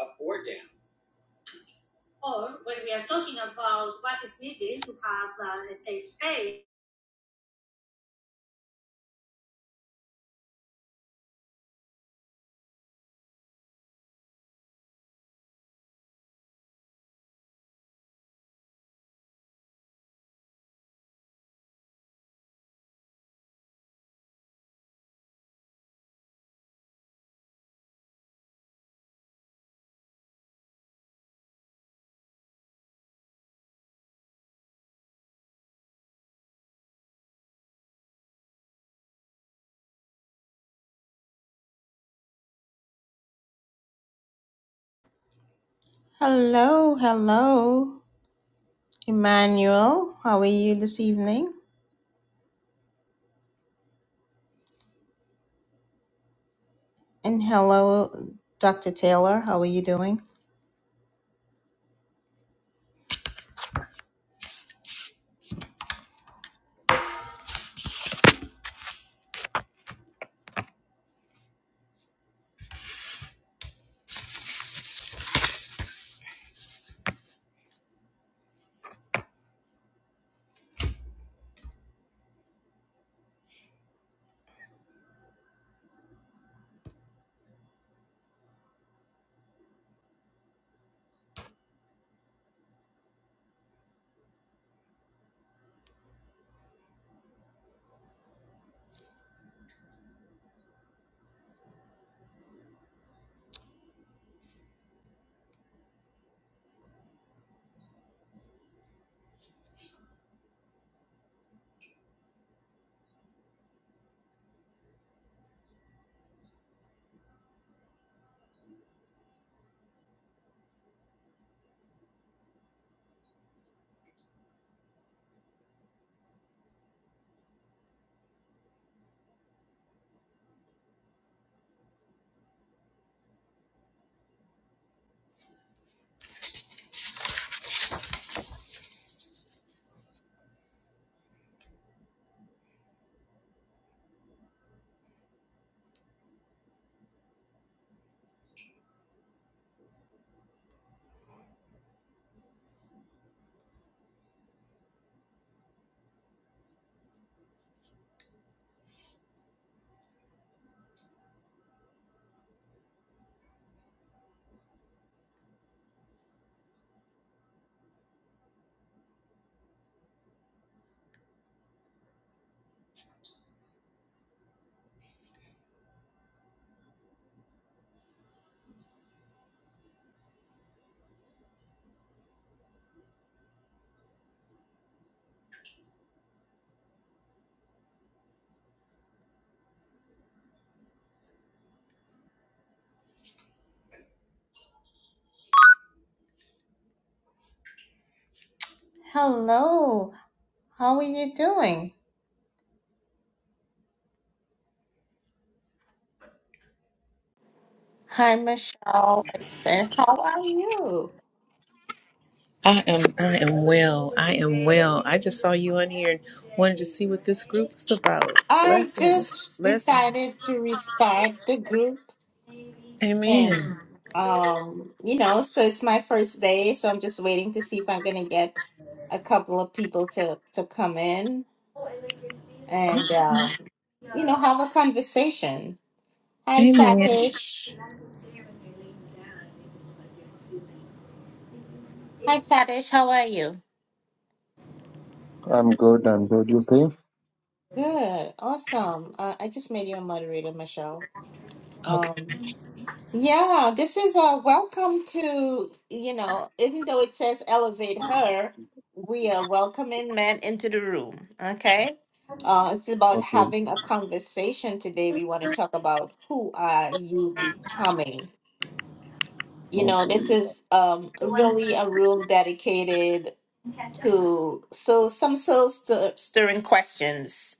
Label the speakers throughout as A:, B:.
A: up or down. Or when we are talking about what is needed to have uh, a safe space. Hello, hello, Emmanuel. How are you this evening? And hello, Dr. Taylor. How are you doing? Hello, how are you doing? Hi, Michelle. I said, how are you?
B: I am I am well. I am well. I just saw you on here and wanted to see what this group is about.
A: I
B: Blessing.
A: just
B: Blessing.
A: decided to restart the group
B: Amen.
A: And um, you know, so it's my first day, so I'm just waiting to see if I'm gonna get a couple of people to to come in
B: Okay.
A: and um, you know, have a conversation. Hi,
B: Amen.
A: Satish. Hi, Satish. How are you?
C: I'm good. I'm good. You say?
A: Good, awesome. Uh, I just made you a moderator, Michelle.
B: Okay.
A: Um, Yeah, this is a welcome to, you know, even though it says elevate her, we are welcoming men into the room. Okay. Uh, it's about
C: Okay.
A: having a conversation today. We want to talk about who are you becoming? You know, this
C: Okay.
A: is um, really a room dedicated to so some soul stir- stirring questions.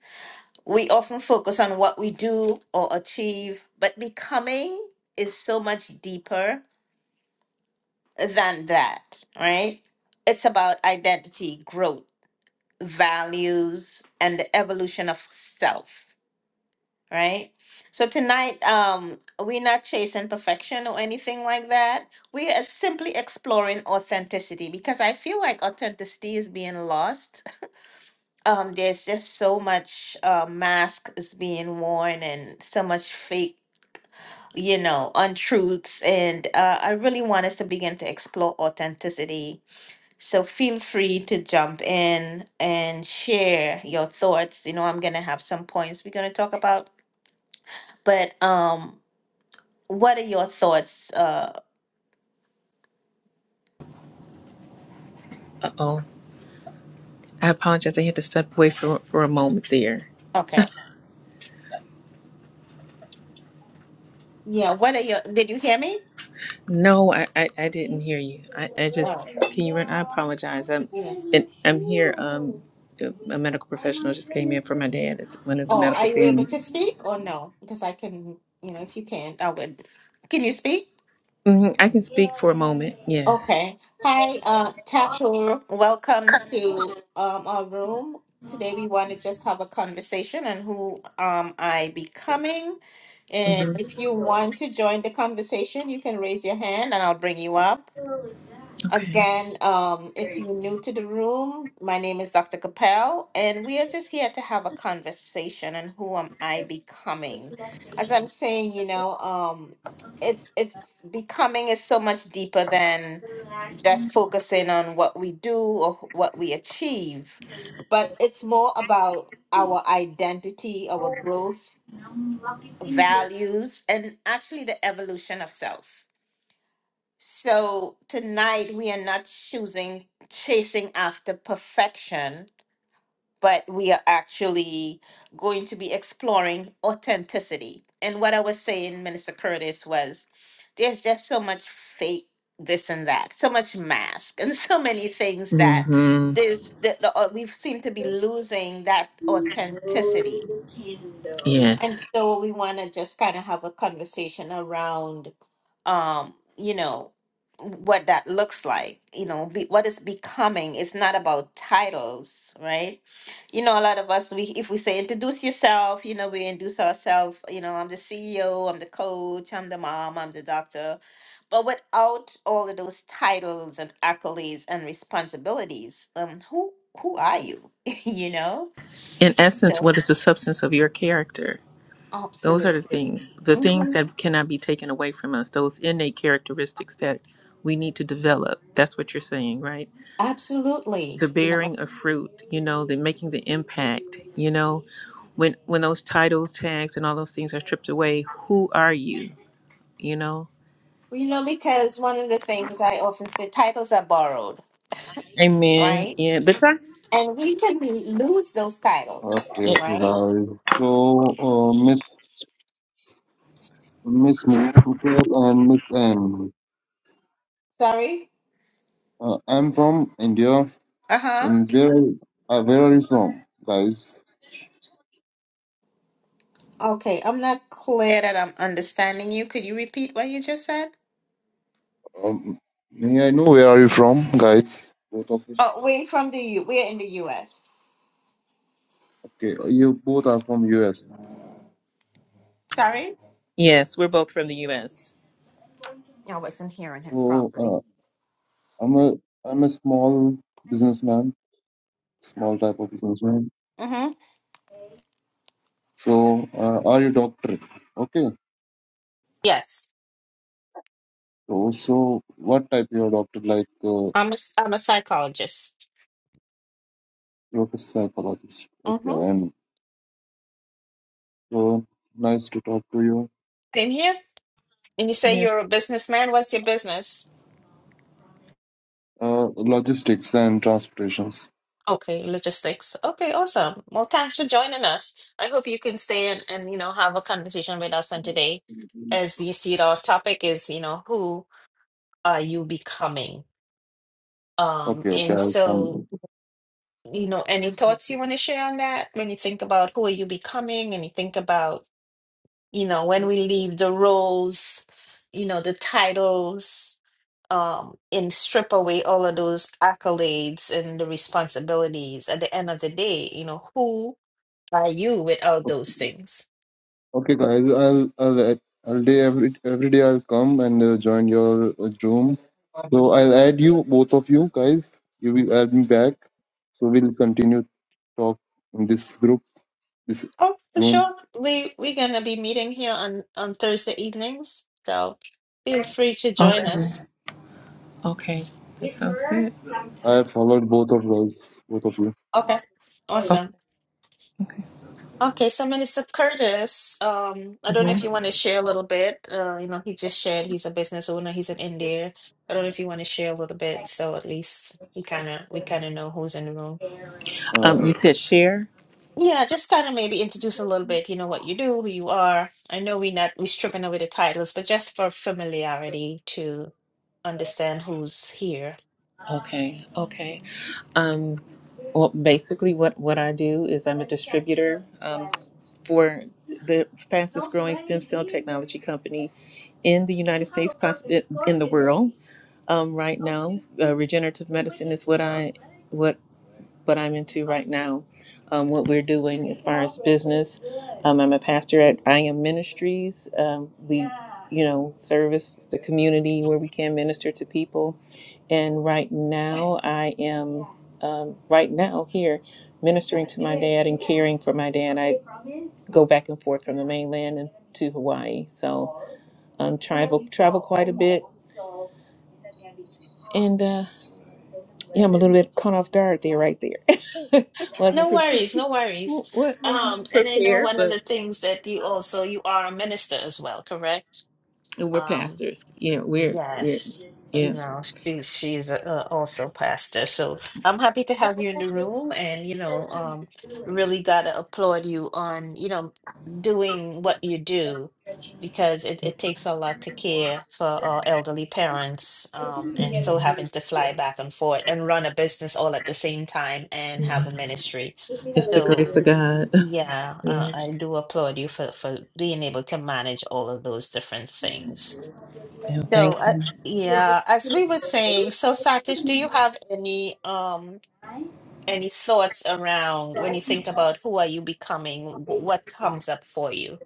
A: We often focus on what we do or achieve, but becoming is so much deeper than that, right? It's about identity, growth, values, and the evolution of self, right? So tonight, um, we're not chasing perfection or anything like that. We are simply exploring authenticity because I feel like authenticity is being lost. Um, there's just so much uh, mask is being worn and so much fake you know untruths and uh, i really want us to begin to explore authenticity So feel free to jump in and share your thoughts. You know, I'm gonna have some points we're gonna talk about, but um, what are your thoughts? Uh,
B: Uh oh. I apologize. I had to step away for for a moment there.
A: okay, yeah. What are your? Did you hear me?
B: No, I, I, I didn't hear you. I, I just
A: Oh,
B: can you run I apologize. I'm
A: yeah.
B: and I'm here, um a medical professional just came in for my dad. It's one of the
A: Oh,
B: medical
A: are you able to
B: team.
A: speak or no? Because I can, you know, if you can, I would. Can you speak?
B: hmm I can speak for a moment. Yes.
A: Okay. Hi, uh, Takur. Welcome to um our room. Today we want to just have a conversation on who um I becoming And
B: hmm
A: if you want to join the conversation, you can raise your hand and I'll bring you up.
B: Okay.
A: Again, um, if you're new to the room, my name is Dr. Capel, and we are just here to have a conversation on who am I becoming. As I'm saying, you know, um, it's it's becoming is so much deeper than just focusing on what we do or wh- what we achieve, but it's more about our identity, our growth, values, and actually the evolution of self. So tonight we are not choosing chasing after perfection, but we are actually going to be exploring authenticity. And what I was saying, Minister Curtis, was there's just so much fake this and that, so much mask, and so many things that
B: Mm-hmm.
A: there's the, the, uh, we seem to be losing that authenticity and
B: Yes.
A: so we want to just kind of have a conversation around, um, you know, what that looks like, you know, be, what is becoming. It's not about titles, right? You know, a lot of us, we if we say introduce yourself, you know, we introduce ourselves, you know, I'm the CEO, I'm the coach, I'm the mom, I'm the doctor, but without all of those titles and accolades and responsibilities, um, who who are you? you know?
B: In essence, what
A: So
B: is the substance of your character? Those are the things, the things
A: absolutely.
B: that cannot be taken away from us, those innate characteristics that we need to develop. That's what you're saying, right?
A: Absolutely.
B: The
A: You know,
B: bearing of fruit, you know, the making the impact, you know, when when those titles, tags, and all those things are stripped away, who are you? You know?
A: well, you know, because one of the things I often say, titles are borrowed,
B: Amen.
A: right?
B: Yeah. But time
A: And we can be, lose those titles,
C: Okay.
A: right?
C: Right. So, uh, Miss Miss Mikkel and Miss M.
A: Sorry?
C: Uh, I'm from India.
A: Uh huh.
C: And where are, uh, where are you from, guys?
A: Okay, I'm not clear that I'm understanding you. Could you repeat what you just said?
C: Um, may I know where are you from, guys? Both of us.
A: Oh, we're from the U. We're in the U.S.
C: Okay. uh, You both are from US.
A: Sorry?
B: yes, we're both from the US.
A: I wasn't hearing him
C: So,
A: properly.
C: uh, I'm a I'm a small businessman, small type of businessman.
A: Mm-hmm.
C: So, uh, are you doctor? Okay.
A: Yes,
C: Oh, so what type your doctor like? Uh,
A: I'm a, s- I'm a psychologist.
C: you're a psychologist. Okay,
A: Mm-hmm.
C: and uh, nice to talk to you.
A: Same here. And you say
B: Yeah.
A: you're a businessman. What's your business?
C: Uh, logistics and transportations.
A: Okay, logistics. Okay, awesome. Well, thanks for joining us. I hope you can stay and, and you know have a conversation with us on today, as you see our topic is you know who are you becoming? Um,
C: Okay, okay,
A: and
C: I'll
A: so
C: come.
A: you know, any thoughts you want to share on that when you think about who are you becoming, and you think about you know when we leave the roles, you know the titles, um, and strip away all of those accolades and the responsibilities. At the end of the day, you know who by you with all those things.
C: Okay, guys, I'll I'll I'll day every every day I'll come and uh, join your uh, room. So I'll add you both of you guys. You will add me back. So we'll continue talk in this group, this
A: Oh, for
C: room.
A: sure. We we're gonna be meeting here on on Thursday evenings, so feel free to join
B: Okay.
A: us.
B: Okay. That sounds good.
C: I have followed both of guys, both of you.
A: Okay, awesome.
B: Okay.
A: Okay, so Minister Curtis, um, I don't know
B: hmm
A: if you want to share a little bit. Uh, you know, he just shared he's a business owner. He's in India. I don't know if you want to share a little bit, so at least he kind of we kind of know who's in the room.
C: Uh,
B: Um, you said share.
A: Yeah, just kind of maybe introduce a little bit, you know, what you do, who you are. I know we're not we're stripping away the titles, but just for familiarity to understand who's here.
B: Okay. Okay. Um, well, basically, what what I do is I'm a distributor um, for the fastest growing stem cell technology company in the United States, poss- in the world. Um, right now, uh, regenerative medicine is what I what what I'm into right now, um, what we're doing as far as business. Um, I'm a pastor at I Am Ministries. Um, we, you know, service the community where we can minister to people. And right now, I am um, right now here ministering to my dad and caring for my dad. I go back and forth from the mainland and to Hawaii, so um, travel travel quite a bit. And uh, yeah, I'm a little bit caught off guard there, right there. Wasn't
A: No
B: prepared.
A: worries, no worries.
B: What was
A: Um,
B: not
A: and I know
B: prepared,
A: one of
B: but
A: the things that you also you are a minister as well, correct?
B: we're
A: Um,
B: pastors. Yeah, we're we're
A: Yes, you
B: yeah.
A: know, she she's uh, also pastor. So I'm happy to have you in the room and you know, um really got to applaud you on, you know, doing what you do because it, it takes a lot to care for our elderly parents um and still having to fly back and forth and run a business all at the same time and
B: Yeah.
A: have a ministry.
B: It's the grace
A: So
B: of God.
A: yeah, uh,
B: Yeah,
A: I do applaud you for for being able to manage all of those different things.
B: Yeah, thank
A: So, uh,
B: you.
A: yeah, as we were saying, so Satish, do you have any um any thoughts around when you think about who are you becoming, wh- what comes up for you?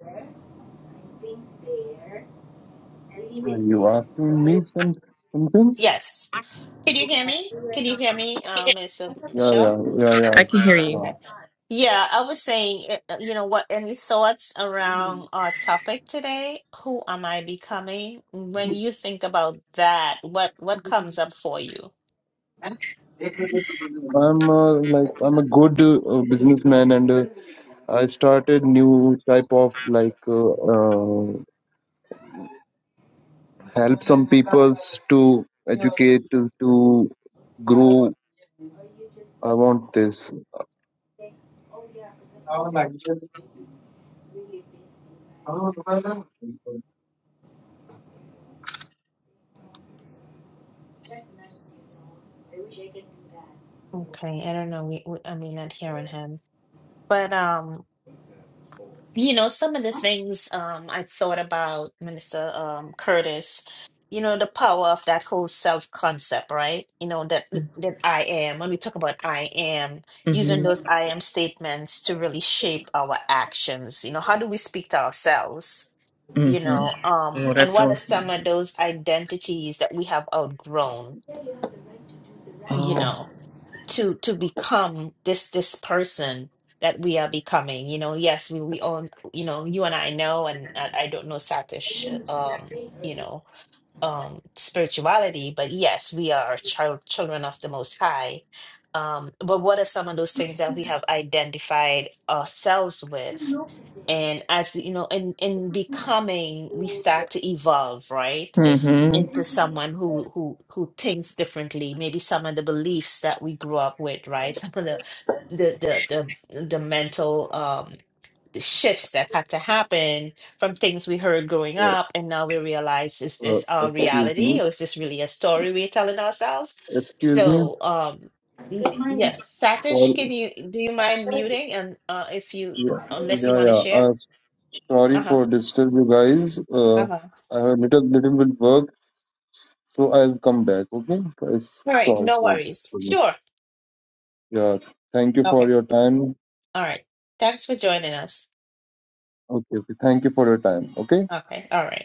C: Are you asking me some something?
A: Yes. Can you hear me? Can you hear me, um, Miss uh,
C: Yeah, yeah,
A: Michelle?
C: yeah, yeah.
B: I can hear you.
C: yeah.
A: Okay. Yeah, I was saying, uh, uh, you know, what any thoughts around our topic today? Who am I becoming? When you think about that, what what comes up for you?
C: I'm uh, like I'm a good uh, businessman, and uh, I started new type of like uh, uh, help some peoples to educate to, to grow. I want this.
A: Okay, I don't know. We, we I mean, not hearing him, but um. You know, some of the things um, I thought about, Minister um, Curtis, you know, the power of that whole self concept, right? You know, that that I am, when we talk about I am, using
B: Mm-hmm.
A: those I am statements to really shape our actions. You know, how do we speak to ourselves? You
B: Mm-hmm.
A: know, um,
B: Oh,
A: and
B: that's
A: what are
B: so.
A: some of those identities that we have outgrown, you
B: Oh,
A: know? to to become this this person that we are becoming you know yes we we all you know you and i know and i, I don't know satish um you know um spirituality but yes we are child children of the most high um but what are some of those things that we have identified ourselves with and as you know in in becoming we start to evolve right
B: Mm-hmm.
A: into someone who who who thinks differently maybe some of the beliefs that we grew up with right some of the the the the, the mental um the shifts that had to happen from things we heard growing
C: Uh,
A: up and now we realize is
C: uh,
A: this our
C: excuse me.
A: reality or is this really a story we're telling ourselves
C: Excuse me.
A: so um y- yes satish
C: Sorry.
A: can you do you mind muting and uh if you
C: Yeah,
A: unless you
C: yeah,
A: want to
C: yeah.
A: share
C: Uh, sorry
A: uh-huh
C: for disturb you guys. Uh,
A: uh-huh
C: I have a little little bit work. So I'll come back, okay? It's
A: all right
C: sorry
A: no
C: for this.
A: worries
C: problem.
A: sure
C: Yeah, thank you for
A: okay
C: your time.
A: all right thanks for joining us
C: Okay, okay. Thank you for your time, okay?
A: okay all right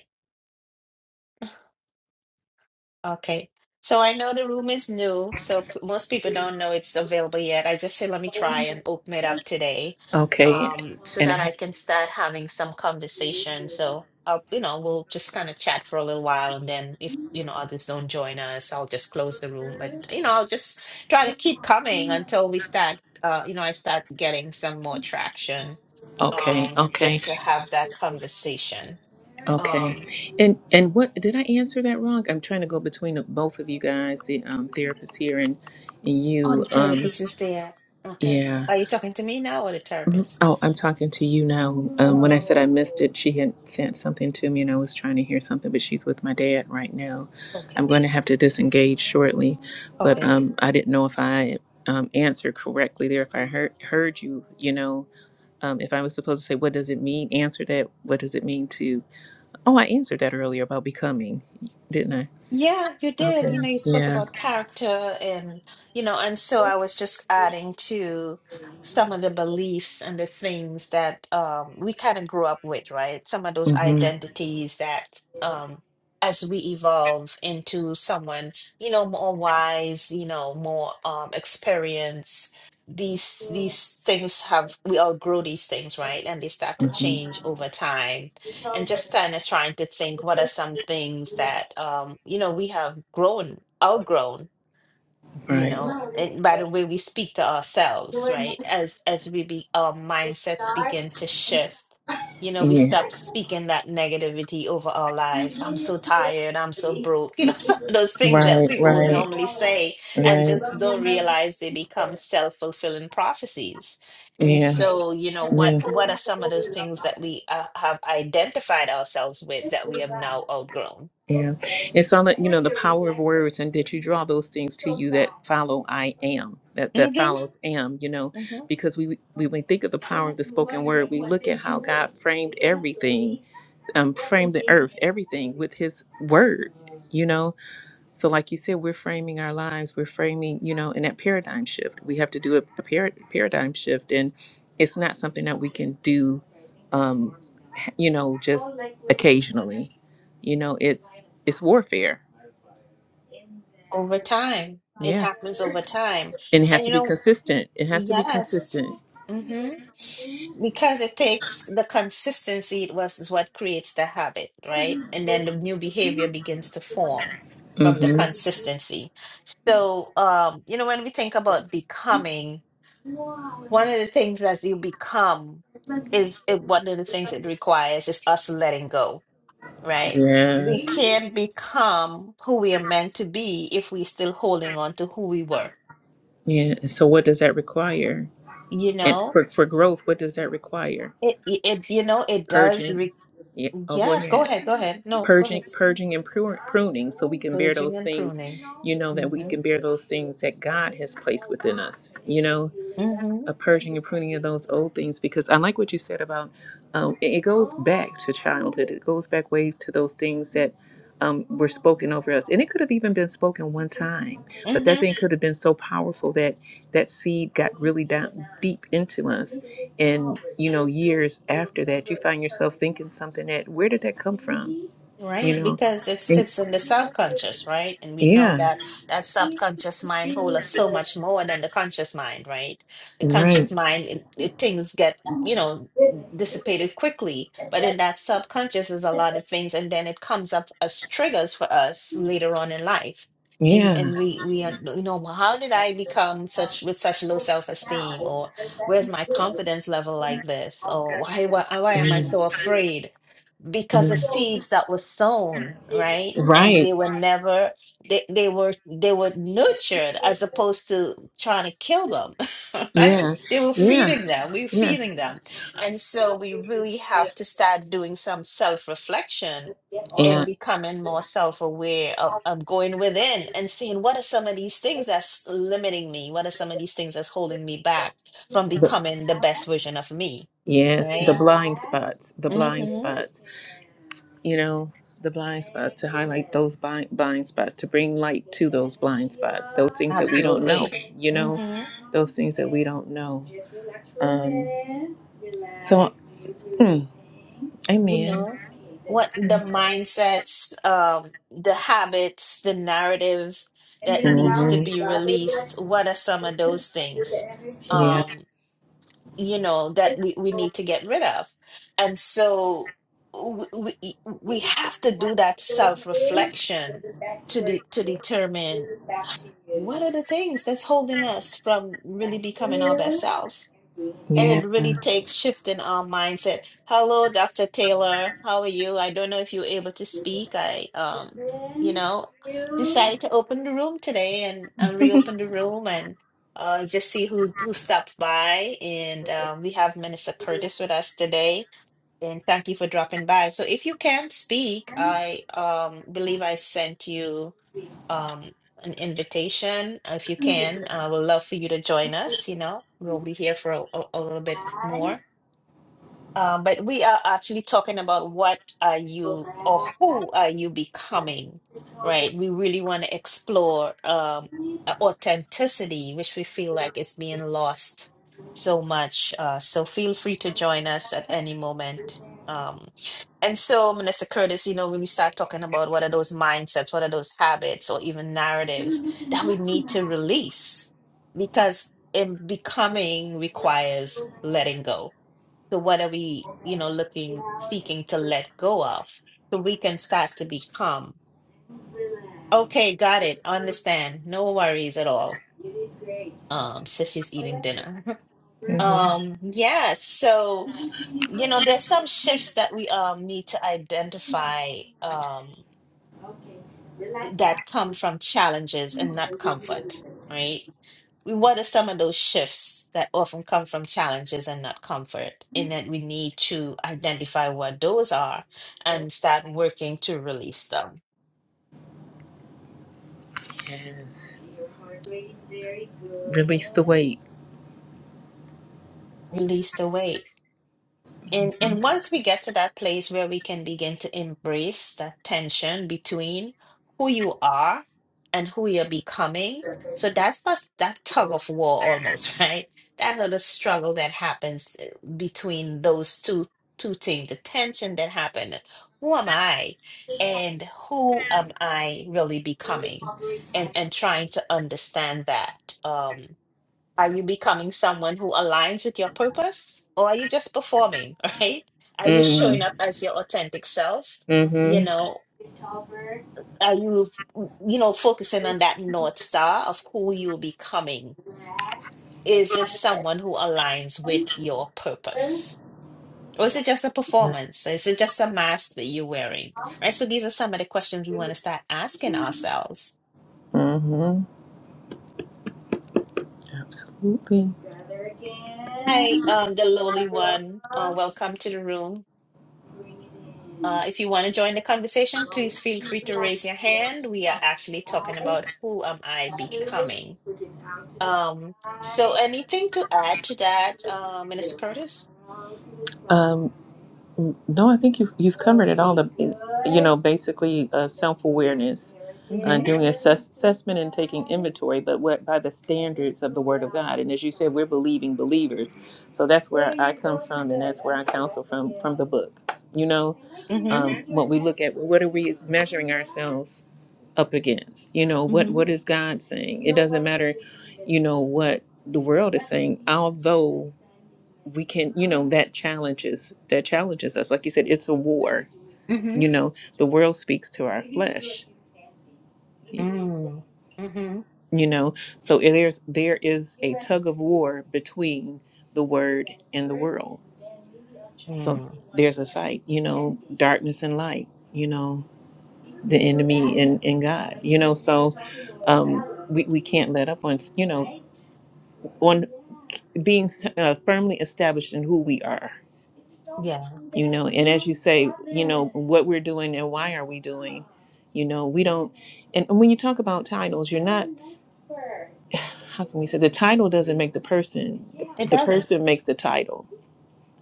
A: Okay. So I know the room is new, so p- most people don't know it's available yet. I just say let me try and open it up today,
B: Okay,
A: um, so
B: and I
A: that I
B: have.
A: can start having some conversation. So I'll, you know, we'll just kind of chat for a little while, and then if, you know, others don't join us, I'll just close the room. But, you know, I'll just try to keep coming until we start, uh, you know, I start getting some more traction,
B: okay,
A: um,
B: okay.
A: just to have that conversation. Um,
B: Okay. And and what did I answer that wrong? I'm trying to go between the, both of you guys, the um, therapist here and, and
A: Oh,
B: you.
A: the
B: Um,
A: therapist is there. Okay.
B: yeah.
A: Are you talking to me now or the
B: Mhm.
A: therapist?
B: Oh, I'm talking to you now. Um, when I
A: hmm
B: said I missed it, she had sent something to me and I was trying to hear something, but she's with my dad right now. I'm
A: Okay.
B: going to have to disengage shortly, but
A: Okay.
B: um, I didn't know if I um, answered correctly there. If I heard heard you, you know, um, if I was supposed to say, what does it mean? Answer that. What does it mean to? Oh, I answered that earlier about becoming, didn't I?
A: Yeah, you did.
B: Okay.
A: You know, you spoke
B: Yeah.
A: about character and, you know, and so I was just adding to some of the beliefs and the things that um, we kind of grew up with, right? Some of those
B: Mhm.
A: identities that um, as we evolve into someone, you know, more wise, you know, more um, experienced, these these things have, we all grow these things, right? And they start to
B: Mhm.
A: change over time and just kind of trying to think what are some things that um, you know we have grown outgrown you
B: Right.
A: know and by the way we speak to ourselves right as as we be our mindsets begin to shift you know we
B: Yeah.
A: stop speaking that negativity over our lives i'm so tired i'm so broke you know some of those things that
B: Right.
A: people would
B: Right. Right.
A: normally say and
B: Yeah.
A: just don't realize they become self-fulfilling prophecies and so you know what
B: Yeah.
A: what are some of those things that we uh, have identified ourselves with that we have now outgrown
B: Yeah. And so that you know the power of words and that you draw those things to you that follow I am, that that
A: hmm
B: follows am, you know, because we we when we think of the power of the spoken word, we look at how God framed everything um, frame the earth, everything with His word, you know? So, like you said, we're framing our lives, we're framing, you know, in that paradigm shift. We have to do a, a par- paradigm shift, and it's not something that we can do, um, you know, just occasionally. You know, it's it's warfare.
A: over time. It
B: Yeah.
A: happens over time.
B: And it has
A: And
B: to
A: you
B: be
A: know,
B: consistent. It has to be
A: yes.
B: consistent.
A: hmm Because it takes the consistency, it was is what creates the habit, right? And then the new behavior begins to form from the
B: Mm-hmm.
A: consistency. So, um, you know, when we think about becoming, one of the things that you become is it, one of the things it requires is us letting go, right? we
B: Yes.
A: can't become who we are meant to be if we're still holding on to who we were
B: Yeah. And so, what does that require?
A: You
B: And
A: know,
B: for, for growth, what does that require?
A: it, it, it- you know, it does
B: purging
A: re
B: yeah oh go
A: yes, go
B: ahead
A: ahead, go ahead. No, go
B: purging
A: ahead.
B: purging and pru- pruning so we can bear
A: Purging
B: those
A: and
B: things
A: pruning.
B: you know that we
A: Mm-hmm.
B: can bear those things that god has placed within us you know
A: Mm-hmm.
B: a purging and pruning of those old things because I like what you said about um, it, it goes back to childhood. It goes back way to those things that um, were spoken over us, and it could have even been spoken one time, but
A: mm-hmm.
B: that thing could have been so powerful that that seed got really down deep into us, and you know, years after that, you find yourself thinking something that where did that come from? You
A: Right,
B: know,
A: because it
B: and
A: sits in the subconscious, right? And we know
B: yeah,
A: that that subconscious mind holds us so much more than the conscious mind, right? The
B: right,
A: conscious mind, it, it, things get, you know, dissipated quickly, but in that subconscious is a lot of things, and then it comes up as triggers for us later on in life. And
B: yeah,
A: and we we are, you know, "Well, how did I become such with such low self-esteem, or where's my confidence level like this, or why why, why am I
B: yeah,
A: so afraid? because the
B: yeah.
A: seeds that were sown right and they
B: right,
A: were never they, they were they were nurtured as opposed to trying to kill them
B: yeah,
A: right they were
B: yeah,
A: feeding them we were feeding them and so we really have to start doing some self-reflection
B: yeah.
A: and becoming more self-aware of, of going within and seeing what are some of these things that's limiting me what are some of these things that's holding me back from
B: The,
A: becoming the best version of me
B: yes, the
A: right
B: blind spots, the blind
A: Mm-hmm.
B: spots, you know, the blind spots to highlight those blind, blind spots, to bring light to those blind spots, those things that we don't know,
A: Absolutely.
B: you know,
A: hmm
B: those things that we don't know. Um, so, mm,
A: You
B: amen.
A: know, what the mindsets, um, the habits, the narrative that needs to
B: Mhm.
A: be released, what are some of those things,
B: Yeah,
A: um, you know, that we, we need to get rid of? And so we, we, we have to do that self-reflection to de to determine what are the things that's holding us from really becoming our best selves And
B: yeah.
A: it really takes shifting our mindset. Hello, Dr. Taylor. How are you? I don't know if you were able to speak. I, um, you know, decided to open the room today and, and reopen the room and uh, just see who who stops by. And um, we have Minister Curtis with us today. And thank you for dropping by. So if you can't speak, I um believe I sent you um, an invitation uh, if you can. I would love for you to join us. You know, we'll be here for a, a a little bit more. Uh, but we are actually talking about what are you or who are you becoming, right? We really want to explore um, authenticity, which we feel like is being lost so much. Uh, so feel free to join us at any moment. Um, and so, Minister Curtis, you know, when we start talking about what are those mindsets, what are those habits, or even narratives that we need to release, because in becoming requires letting go so what are we, you know, looking, seeking to let go of? So we can start to become. Okay, got it. Understand. No worries at all. Um, so she's eating dinner.
B: Mhm.
A: Um, yeah, so you know, there's some shifts that we um need to identify. Um, that come from challenges and not comfort, right? We- What are some of those shifts that often come from challenges and not comfort? And that we need to identify what those are and start working to release them.
B: Yes. Your heart rate is very good. Release the weight.
A: Release the weight And
B: Mm.
A: and once we get to that place where we can begin to embrace that tension between who you are and who you're becoming, so that's that that tug of war almost, right? That little struggle that happens eh, between those two two things, the tension that happened. Who am I and who am I really becoming? And and trying to understand that. Um are you becoming someone who aligns with your purpose or are you just performing, right? Are you
B: Mm-hmm.
A: showing up as your authentic self? You know, are you, you know, focusing on that North Star of who you're becoming? Is it someone who aligns with your purpose? Or is it just a
B: Yeah,
A: performance? Or is it just a mask that you're wearing? Right. So these are some of the questions we want to start asking ourselves.
B: Mm-hmm. Absolutely.
A: Hi, um, the lowly one. Uh, welcome to the room. Uh, if you want to join the conversation, please feel free to raise your hand. We are actually talking about who am I becoming. Um, so anything to add to that, uh, Minister Curtis?
B: Um. N- No, I think you've you've covered it all. The you know basically uh, self awareness, uh,
A: Mm-hmm.
B: doing assess- assessment and taking inventory, but what by the standards of the Word of God. And as you said, we're believing believers, so that's where I come from, and that's where I counsel from from the book. You know,
A: Mm-hmm.
B: um, what we look at, what are we measuring ourselves up against? You know, what
A: Mm-hmm.
B: what is God saying? It doesn't matter, you know what the world is saying, although we can you know that challenges that challenges us like you said it's a war
A: Mm-hmm.
B: you know the world speaks to our flesh y-
A: Mm. Mm-hmm.
B: you know so it- there's there is a tug of war between the word and the world so
A: Mm.
B: there's a fight you know darkness and light you know the enemy and, and god you know so um we, we can't let up on you know on being uh, firmly established in who we are
A: Yeah,
B: you know and as you say you know what we're doing and why are we doing you know we don't and when you talk about titles you're not how can we say the title doesn't make the person
A: it
B: the
A: doesn't
B: person makes the title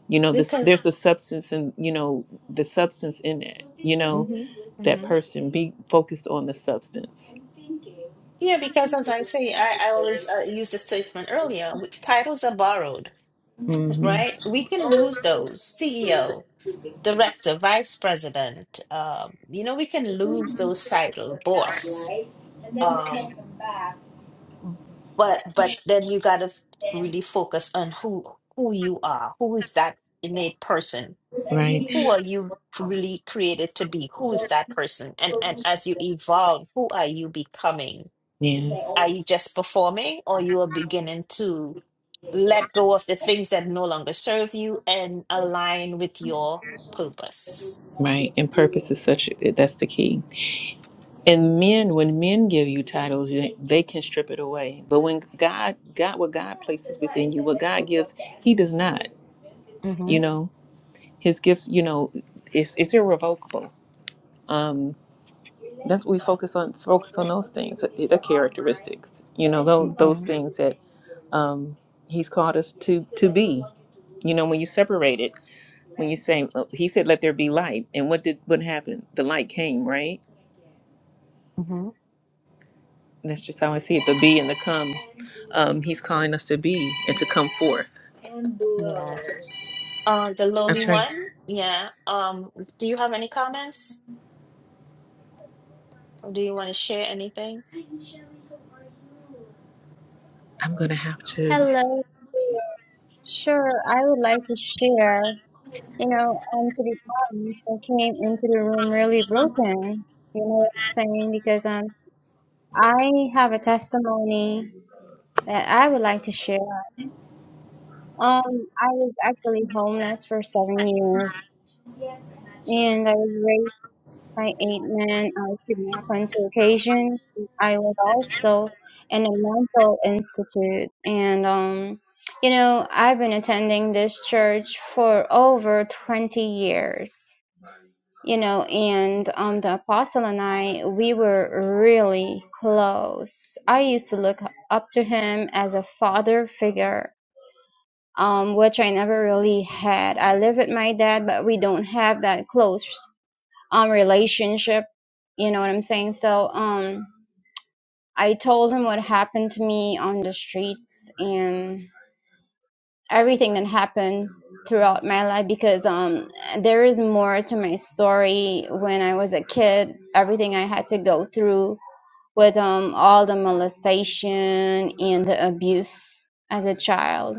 B: you know this
A: because.
B: there's a substance and you know the substance in that you know
A: Mm-hmm.
B: that
A: Mm-hmm.
B: person be focused on the substance
A: Yeah, because as I say, I, I always uh, use the statement earlier. We, titles are borrowed,
B: hmm
A: right? We can lose those. CEO. director, vice president. Um, you know, we can lose those title, boss. Um, but but then you got to really focus on who who you are. Who is that innate person?
B: right
A: Who are you really created to be? Who is that person? And and as you evolve, who are you becoming?
B: yes
A: Are you just performing, or you are beginning to let go of the things that no longer serve you and align with your purpose?
B: Right. And purpose is such that's the key. And men, when men give you titles, you- they can strip it away. But when God, God, what God places within you, what God gives, He does not. You
A: Mhm.
B: know, His gifts. You know, it's it's irrevocable. Um, that's what we focus on. Focus on those things, the characteristics. You know, those those
A: Mhm.
B: things that um, He's called us to to be. You know, when you separate it, when you say, oh, He said, "Let there be light," and what did what happened? The light came, right?
A: Mhm.
B: That's just how I see it. The be and the come. Um, he's calling us to be and to come forth.
A: Yes. Uh, the
B: I'm
A: lowly
B: trying.
A: one. Yeah. Um, do you have any comments or do you want to share anything?
B: I'm gonna have to.
D: Hello. Sure, I would like to share. You know, and to be honest, I came into the room really broken. You know what I'm saying? Because um, I have a testimony that I would like to share. Um, I was actually homeless for seven years, and I was My eight men are kidnapped on two occasions. I was also in a mental institute, and um, you know, I've been attending this church for over 20 years. You know, and um, the apostle and I, we were really close. I used to look up to him as a father figure, um, which I never really had. I live with my dad, but we don't have that close um relationship you know what i'm saying so um i told him what happened to me on the streets and everything that happened throughout my life because um there is more to my story when i was a kid everything i had to go through with um all the molestation and the abuse as a child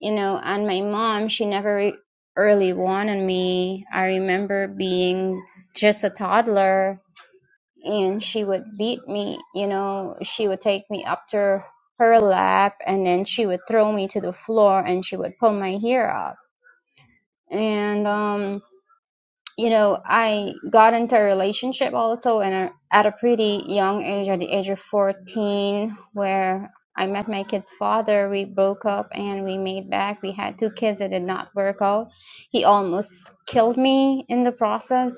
D: you know and my mom she never re- really wanted me i remember being just a toddler and she would beat me you know she would take me up to her lap and then she would throw me to the floor and she would pull my hair out and um you know i got into a relationship also and a- at a pretty young age at the age of 14 where i met my kid's father we broke up and we made back we had two kids that did not work out he almost killed me in the process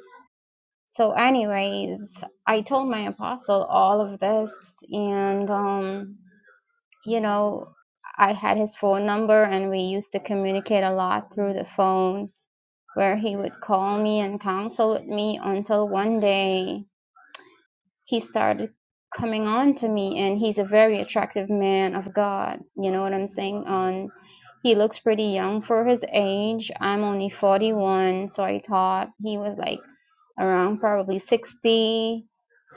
D: so, anyways, I told my apostle all of this, and um, you know, I had his phone number, and we used to communicate a lot through the phone, where he would call me and counsel with me until one day he started coming on to me and he's a very attractive man of God. You know what I'm saying? Um he looks pretty young for his age. I'm only 41, so I thought he was like around probably 60.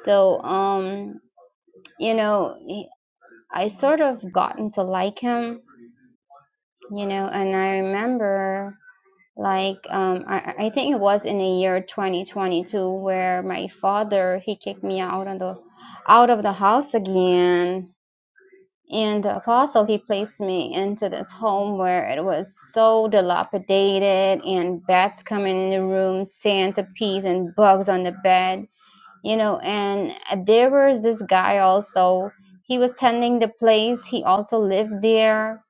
D: So um you know, I sort of gotten to like him, you know, and I remember like, um, I, I think it was in the year 2022 where my father he kicked me out on the out of the house again. And the apostle he placed me into this home where it was so dilapidated and bats coming in the room, centipedes and bugs on the bed, you know. And there was this guy also. He was tending the place. He also lived there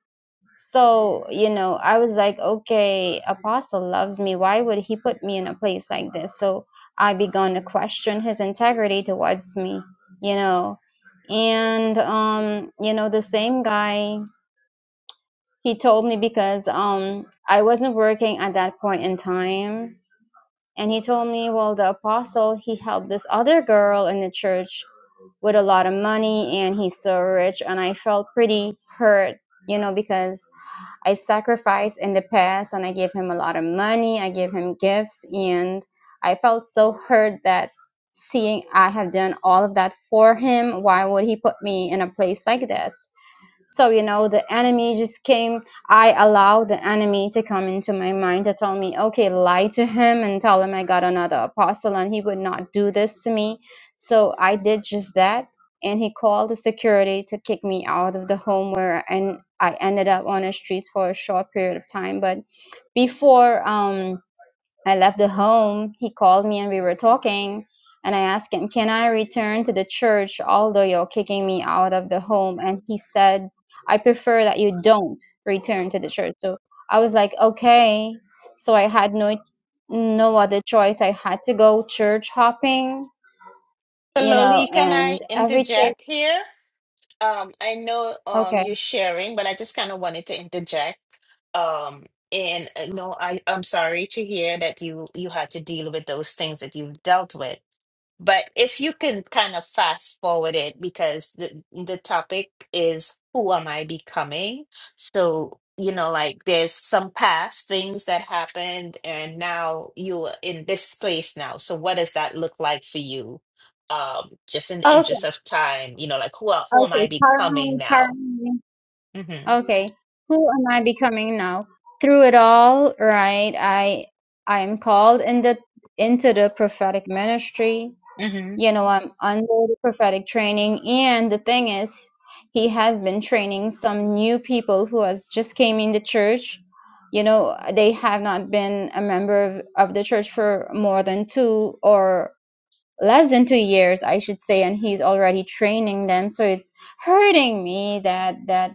D: so, you know, I was like, okay, Apostle loves me. Why would he put me in a place like this? So I began to question his integrity towards me, you know. And, um, you know, the same guy, he told me because um, I wasn't working at that point in time. And he told me, well, the apostle, he helped this other girl in the church with a lot of money and he's so rich. And I felt pretty hurt, you know, because I sacrificed in the past and I gave him a lot of money, I gave him gifts, and I felt so hurt that seeing I have done all of that for him, why would he put me in a place like this? So, you know, the enemy just came. I allowed the enemy to come into my mind to tell me, okay, lie to him and tell him I got another apostle and he would not do this to me. So I did just that. And he called the security to kick me out of the home where and I ended up on the streets for a short period of time. But before, um, I left the home. He called me and we were talking. And I asked him, Can I return to the church although you're kicking me out of the home? And he said, I prefer that you don't return to the church. So I was like, Okay. So I had no no other choice. I had to go church hopping,
A: So,
D: you know,
A: Loli, can
D: and
A: I
D: every church
A: interject here? Um, I know um
D: okay.
A: you sharing, but I just kind of wanted to interject. Um, and uh, no, I I'm sorry to hear that you you had to deal with those things that you've dealt with. But if you can kind of fast forward it, because the the topic is who am I becoming? So, you know, like there's some past things that happened, and now you're in this place now. So what does that look like for you? Um, just in the
D: Okay.
A: interest of time, you know, like who are, who am
D: Okay.
A: I
D: Pardon
A: becoming
D: me,
A: now?
D: pardon me.
A: Mm-hmm.
D: Okay, who am I becoming now? Through it all, right? I I am called in the into the prophetic ministry.
A: Mm-hmm.
D: You know, I'm under the prophetic training, and the thing is, he has been training some new people who has just came in the church. You know, they have not been a member of, of the church for more than two or less than two years, I should say, and he's already training them. So it's hurting me that that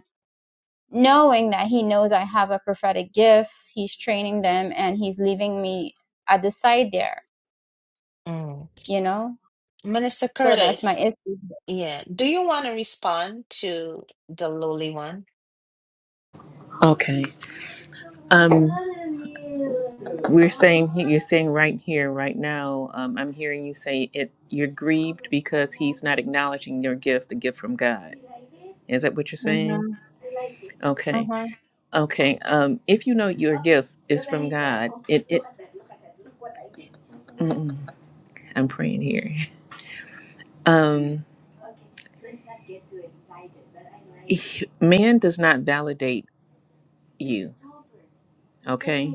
D: knowing that he knows I have a prophetic gift, he's training them and he's leaving me at the side there,
A: Mm.
D: you know?
A: Minister
D: So that's my
A: Curtis,
D: issue.
A: yeah. Do you want to respond to the lowly one?
B: Okay. Um, we're saying he- you're saying right here, right now. Um, I'm hearing you say it. You're grieved because he's not acknowledging your gift, the gift from God. Is that what you're
D: Mm-hmm.
B: saying? Okay.
D: Uh-huh.
B: Okay. Um, if you know your gift is from God, it. it Mm-mm. I'm praying here. Um. man does not validate you okay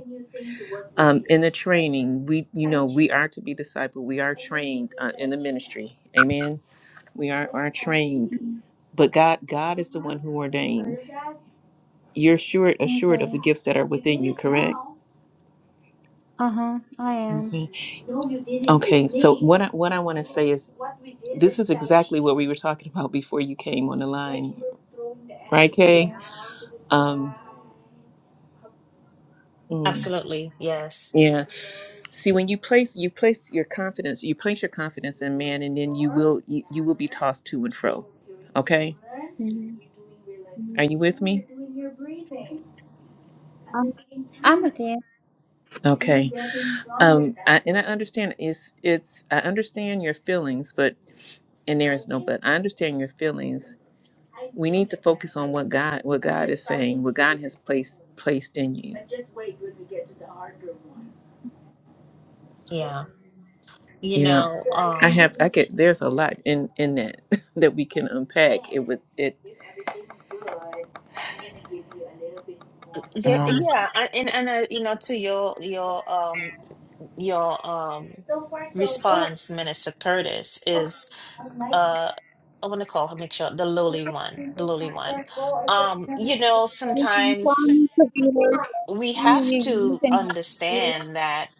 B: um in the training we you know we are to be discipled we are trained uh, in the ministry amen we are are trained
D: Mhm.
B: but god god is the one who ordains you're sure assured of the
D: Okay.
B: gifts that are within you correct
D: Uh-huh. I am.
B: Okay. Okay. So what I, what I want to say is this is exactly what we were talking about before you came on the line, right, Kay?
D: Okay.
B: Um, Mm,
A: Absolutely. Yes.
B: yeah. See, when you place you place your confidence, you place your confidence in man, and then you will you, you will be tossed to and fro. Okay.
D: Mm-hmm.
B: Are you with me?
D: I'm, I'm with you.
B: Okay. Um. I, and I understand it's it's I understand your feelings, but and there is no but. I understand your feelings, we need to focus on what God what God is saying, what God has placed placed in you.
A: Yeah. you
B: Yeah.
A: know
B: I
A: um
B: have I could there's a lot in in that that we can unpack. It would it
A: there,
B: um
A: yeah I- and and uh, you know to your your um your um response Minister Curtis is uh I want to call her make sure the lowly one the lowly one um you know
D: You can call
A: sometimes
D: me computer.
A: we
D: Amy,
A: have
D: you, you
A: to
D: can call me
A: understand that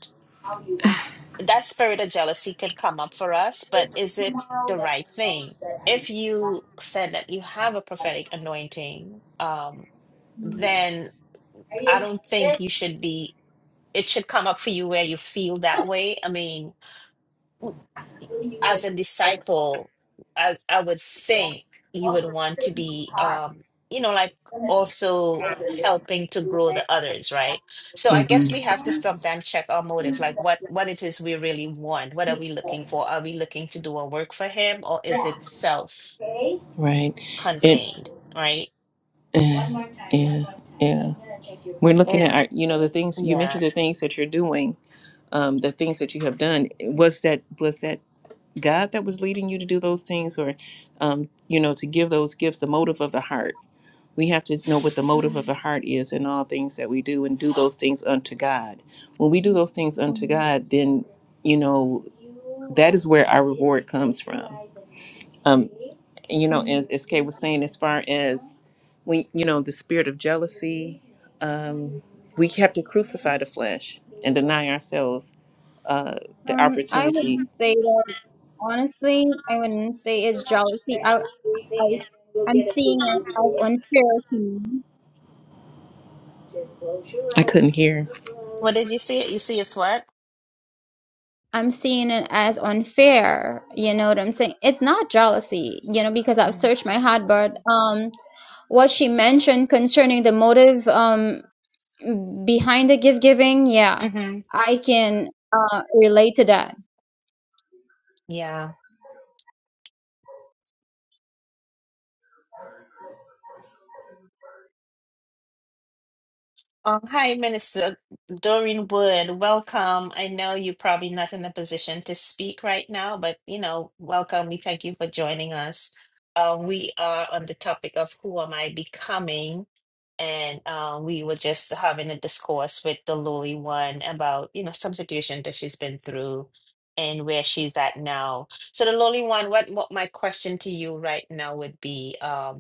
A: that spirit of jealousy can come up for us but is it the right thing if you said that you have a prophetic anointing um then I don't think you should be, it should come up for you where you feel that way. I mean, as a disciple, I, I would think you would want to be, um, you know, like also helping to grow the others, right? So I guess we have to
B: mhm.
A: sometimes check our motive, like what what it is we really want. What are we looking for? Are we looking to do a work for him or is it
B: right. It
A: self-contained, right?
B: uh, yeah. Yeah. We're looking
A: And
B: at our you know the things you
A: yeah.
B: mentioned the things that you're doing, um the things that you have done. Was that was that God that was leading you to do those things or, um, you know, to give those gifts, the motive of the heart. We have to know what the motive of the heart is in all things that we do and do those things unto God. When we do those things unto
D: computer.
B: God, then, you know, that is where our reward comes from. Um, you know,
D: Mm-hmm.
B: as, as Kay was saying, as far as we, you know, the spirit of jealousy, um, we have to crucify the flesh and deny ourselves uh, the
D: Um, I
B: opportunity
D: wouldn't say that honestly. I wouldn't say it's jealousy. I as I'm seeing it as unfair to me.
B: I couldn't hear.
A: What did you see? You see it's what?
D: I'm seeing it as unfair. You know what I'm saying? It's not jealousy, you know, because I've searched my heart, but um, what she mentioned concerning the motive um behind the gift giving, yeah,
A: Mm-hmm.
D: I can uh relate to that.
A: Yeah. Um, hi, Minister Doreen Wood. Welcome. I know you're probably not in a position to speak right now, but you know, welcome. We thank you for joining us. Uh, we are on the topic of who am I becoming, and uh, we were just having a discourse with the lowly one about you know some situation that she's been through and where she's at now. So the lowly one, what what my question to you right now would be? um,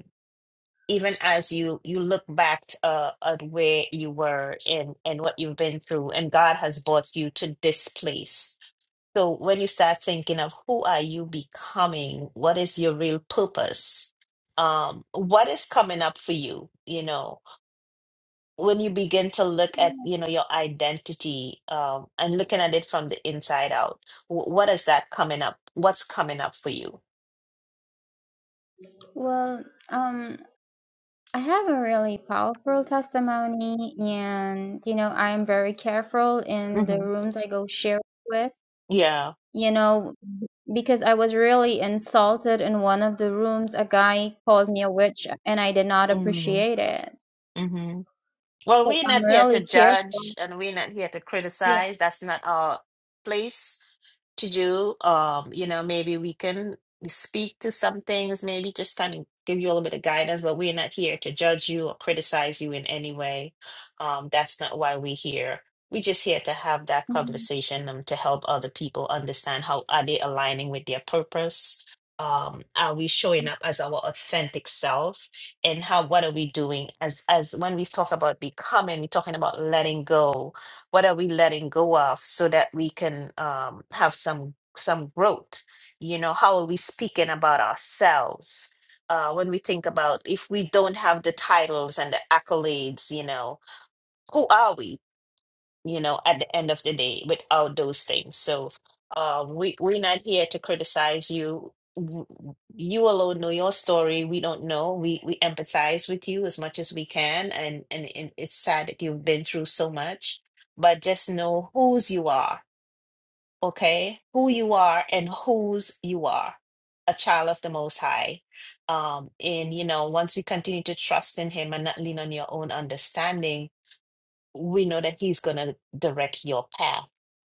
A: even as you you look back uh, at where you were and and what you've been through and god has brought you to this place so when you start thinking of who are you becoming what is your real purpose um what is coming up for you you know when you begin to look at you know your identity um and looking at it from the inside out wh- what is that coming up what's coming up for you
D: Well, um. I have a really powerful testimony, and you know, I'm very careful in the
A: hmm
D: rooms I go share with.
A: yeah
D: You know, because I was really insulted in one of the rooms. A guy called me a witch, and I did not
A: mm-hmm.
D: appreciate it.
A: Well,
D: So
A: we're
D: I'm
A: not here to
D: really
A: judge
D: careful.
A: and we're not here to
D: Yeah.
A: criticize. That's not our place to do. Um, you know, maybe we can speak to some things, maybe just kind of give you a little bit of guidance, but we're not here to judge you or criticize you in any way. Um, that's not why we're here. We're just here to have that
D: Mhm.
A: conversation um, to help other people understand how are they aligning with their purpose. Um, are we showing up as our authentic self and how what are we doing as as when we talk about becoming we're talking about letting go what are we letting go of so that we can um, have some some growth? You know, how are we speaking about ourselves? Uh, when we think about if we don't have the titles and the accolades, you know, who are we? you know, at the end of the day without those things. So uh, we we're not here to criticize you. W- You alone know your story. We don't know. We we empathize with you as much as we can, and and, and it's sad that you've been through so much. But just know whose you are, okay? Who you are and whose you are. A child of the Most High. Um, and you know, once you continue to trust in Him and not lean on your own understanding we know that He's going to direct your path.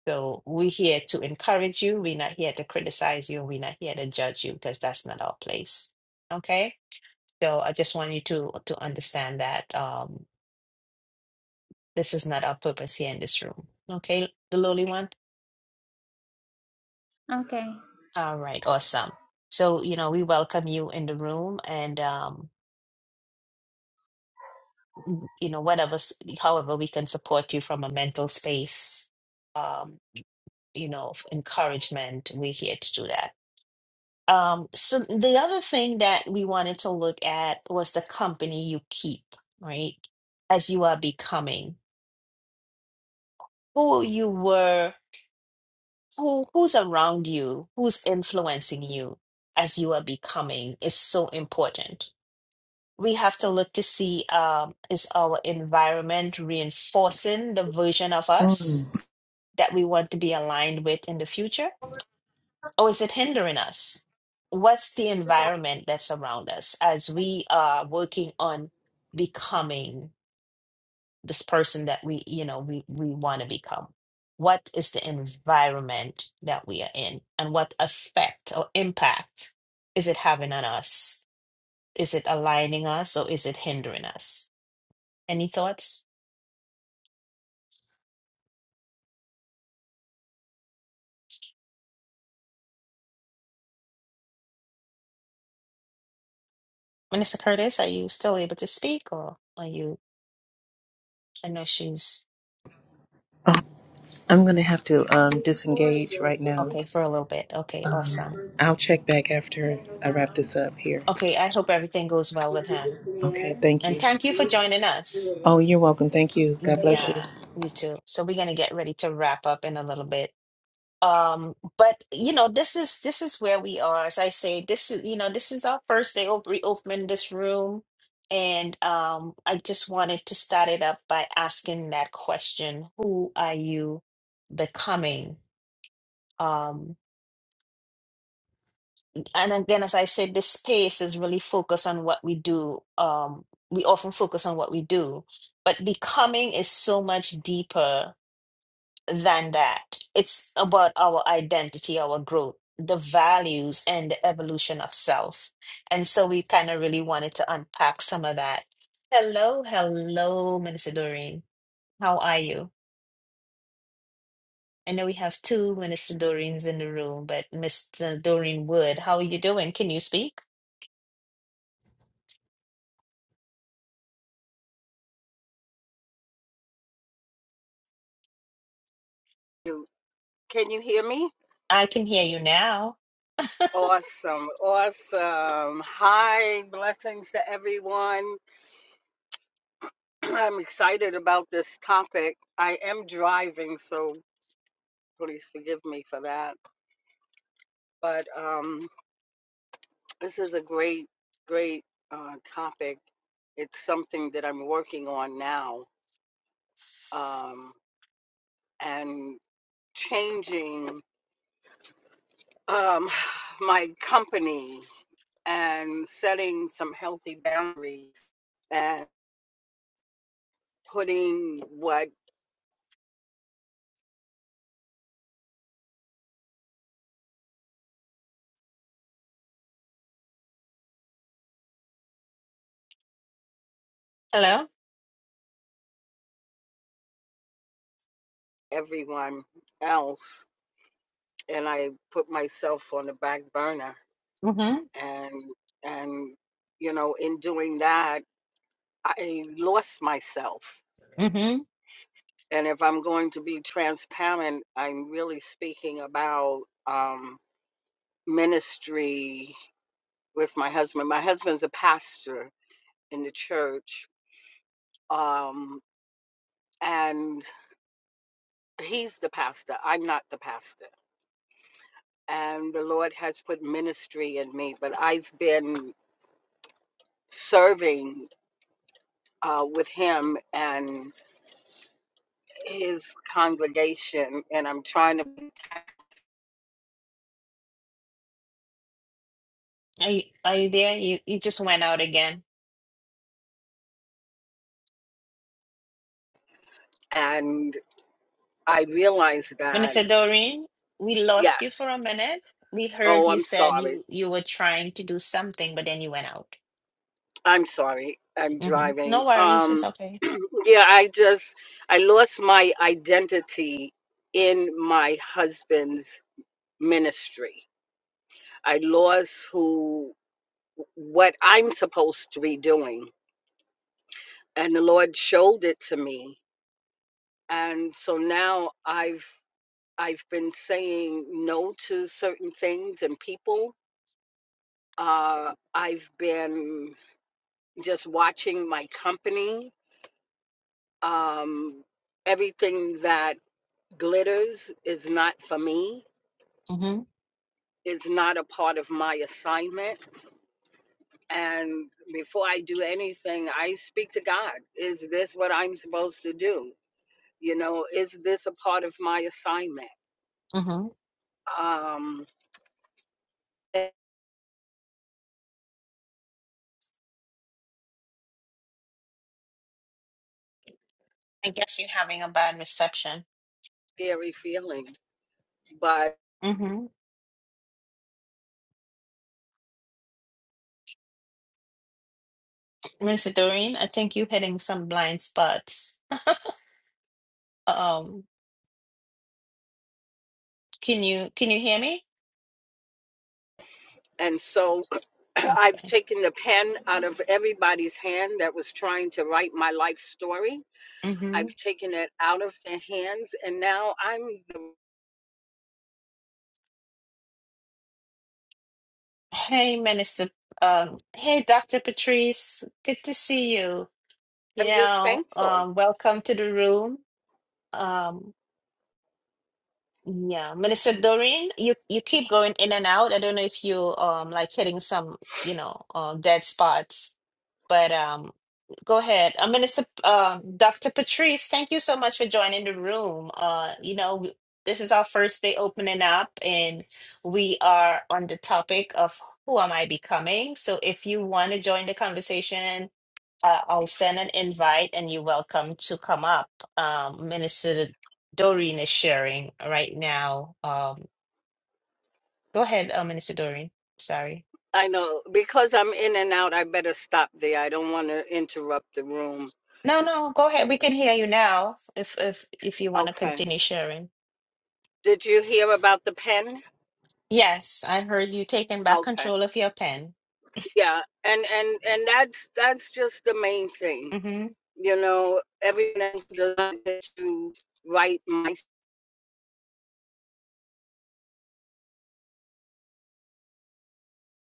A: So we're here to encourage you. We're not here to criticize you. We're not here to judge you because that's not our place. Okay? So I just want you to to understand that um, this is not our purpose here in this room. Okay, the lowly one?
D: Okay.
A: All right, awesome. So, you know, we welcome you in the room and, um, you know, whatever, s- however we can support you from a mental space, um, you know, of encouragement, we're here to do that. Um, so the other thing that we wanted to look at was the company you keep, right? As you are becoming who you were, who who's around you, who's influencing you as you are becoming is so important. We have to look to see um, is our environment reinforcing the version of
B: Mm.
A: us that we want to be aligned with in the future? or is it hindering us? What's the environment that's around us as we are working on becoming this person that we, you know, we, we want to become? What is the environment that we are in and what effect or impact is it having on us? Is it aligning us or is it hindering us? Any thoughts? Minister Curtis, are you still able to speak or are you? I know she's
B: Oh, I'm gonna have to um, disengage right now.
A: okay for a little bit. Okay,
B: Um,
A: awesome.
B: I'll check back after I wrap this up here.
A: Okay, I hope everything goes well with him.
B: Okay, thank
A: And
B: you.
A: thank you for joining us.
B: Oh, you're welcome. Thank you. God bless you.
A: Yeah, you too. So we're gonna get ready to wrap up in a little bit. Um, but you know, this is this is where we are. As I say, this is you know, this is our first day of reopening this room. And um, I just wanted to start it up by asking that question, who are you becoming? Um, and again, as I said, this space is really focused on what we do. Um, we often focus on what we do, but becoming is so much deeper than that. It's about our identity, our growth, the values, and the evolution of self. And so we kind of really wanted to unpack some of that. Hello, hello, Minister Doreen. How are you? I know we have two Minister Doreens in the room, but Mr. Doreen Wood, how are you doing? Can you speak?
E: you. Can you hear me?
A: I can hear you now.
E: Awesome, awesome. Hi, blessings to everyone. I'm excited about this topic. I am driving, so please forgive me for that. But um, this is a great, great uh, topic. It's something that I'm working on now um, and changing um, my company and setting some healthy boundaries and. putting what
A: Hello?
E: everyone else and I put myself on the back burner
A: Mm-hmm.
E: and and you know in doing that I lost myself
A: Mm-hmm.
E: and if I'm going to be transparent I'm really speaking about um ministry with my husband my husband's a pastor in the church um and he's the pastor I'm not the pastor and the Lord has put ministry in me, but I've been serving uh, with Him and His congregation, and I'm trying to,
A: Are you, are you there? You you just went out again.
E: and I realize that,
A: Minister Doreen, we lost
E: yes,
A: you for a minute. We heard
E: oh,
A: you
E: I'm
A: said
E: sorry,
A: you you were trying to do something, but then you went out.
E: I'm sorry, I'm
A: Mm-hmm.
E: driving.
A: No worries, it's
E: Um,
A: okay.
E: yeah, I just, I lost my identity in my husband's ministry. I lost who, what I'm supposed to be doing and the lord showed it to me and so now i've i've been saying no to certain things and people uh i've been just watching my company um everything that glitters is not for me
A: Mm-hmm.
E: is not a part of my assignment and before i do anything i speak to god is this what i'm supposed to do you know is this a part of my assignment
A: Mm-hmm.
E: Um,
A: I guess you're having a bad reception.
E: scary feeling. But
A: Mm-hmm. Minister Doreen, I think you're hitting some blind spots. Um, can you can you hear me?
E: and so I've
A: Okay.
E: taken the pen out of everybody's hand that was trying to write my life story.
A: Mm-hmm.
E: I've taken it out of their hands and now I'm
A: Hey, Minister. Um, hey, Dr. Patrice. Good to see you. You
E: I'm just
A: know,
E: thankful.
A: um, welcome to the room. Um, yeah, Minister Doreen, you you keep going in and out. I don't know if you um like hitting some, you know, uh, dead spots, but um, go ahead. Uh, Minister, uh, Dr. Patrice, thank you so much for joining the room. Uh, you know, we, this is our first day opening up, and we are on the topic of who am I becoming. So if you want to join the conversation uh, I'll send an invite and you're welcome to come up. Um, Minister Doreen is sharing right now. Um, go ahead, uh, Minister Doreen. Sorry.
E: I know because I'm in and out I better stop there. I don't want to interrupt the room.
A: No, no, go ahead. We can hear you now if if if you want to
E: Okay.
A: continue sharing.
E: Did you hear about the pen?
A: Yes, I heard you taking back
E: Okay.
A: control of your pen.
E: Yeah. And and and that's that's just the main thing
A: Mm-hmm.
E: you know, everyone else does not get to write my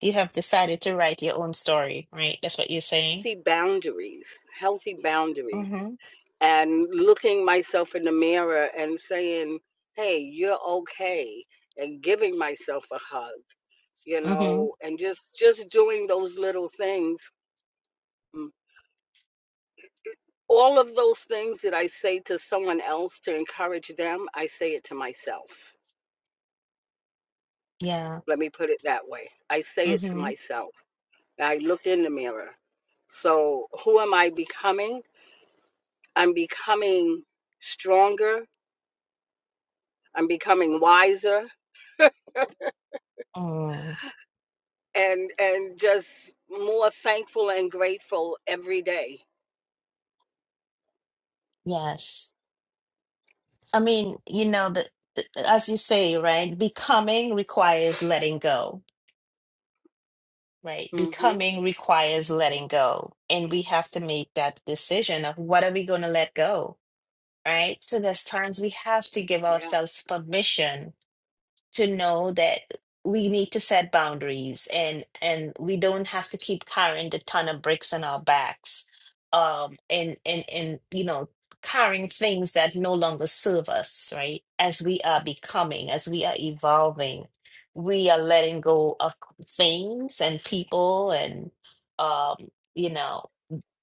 A: You have decided to write your own story, right? That's what you're saying.
E: healthy boundaries, healthy boundaries,
A: Mm-hmm.
E: and looking myself in the mirror and saying, "Hey, you're okay," and giving myself a hug, you
A: Mm-hmm.
E: know, and just just doing those little things. Mm. All of those things that I say to someone else to encourage them, I say it to myself.
A: Yeah.
E: Let me put it that way. I say it to
A: Mm-hmm.
E: myself I look in the mirror. So, who am I becoming? I'm becoming stronger. I'm becoming wiser
A: Mm.
E: and and just more thankful and grateful every day.
A: Yes. I mean, you know, that as you say, right? Becoming requires letting go, right?
E: Mhm.
A: Becoming requires letting go. And we have to make that decision of what are we going to let go, right? So there's times we have to give ourselves permission to know that we need to set boundaries and and we don't have to keep carrying the ton of bricks on our backs um and and and you know carrying things that no longer serve us right as we are becoming as we are evolving we are letting go of things and people and um you know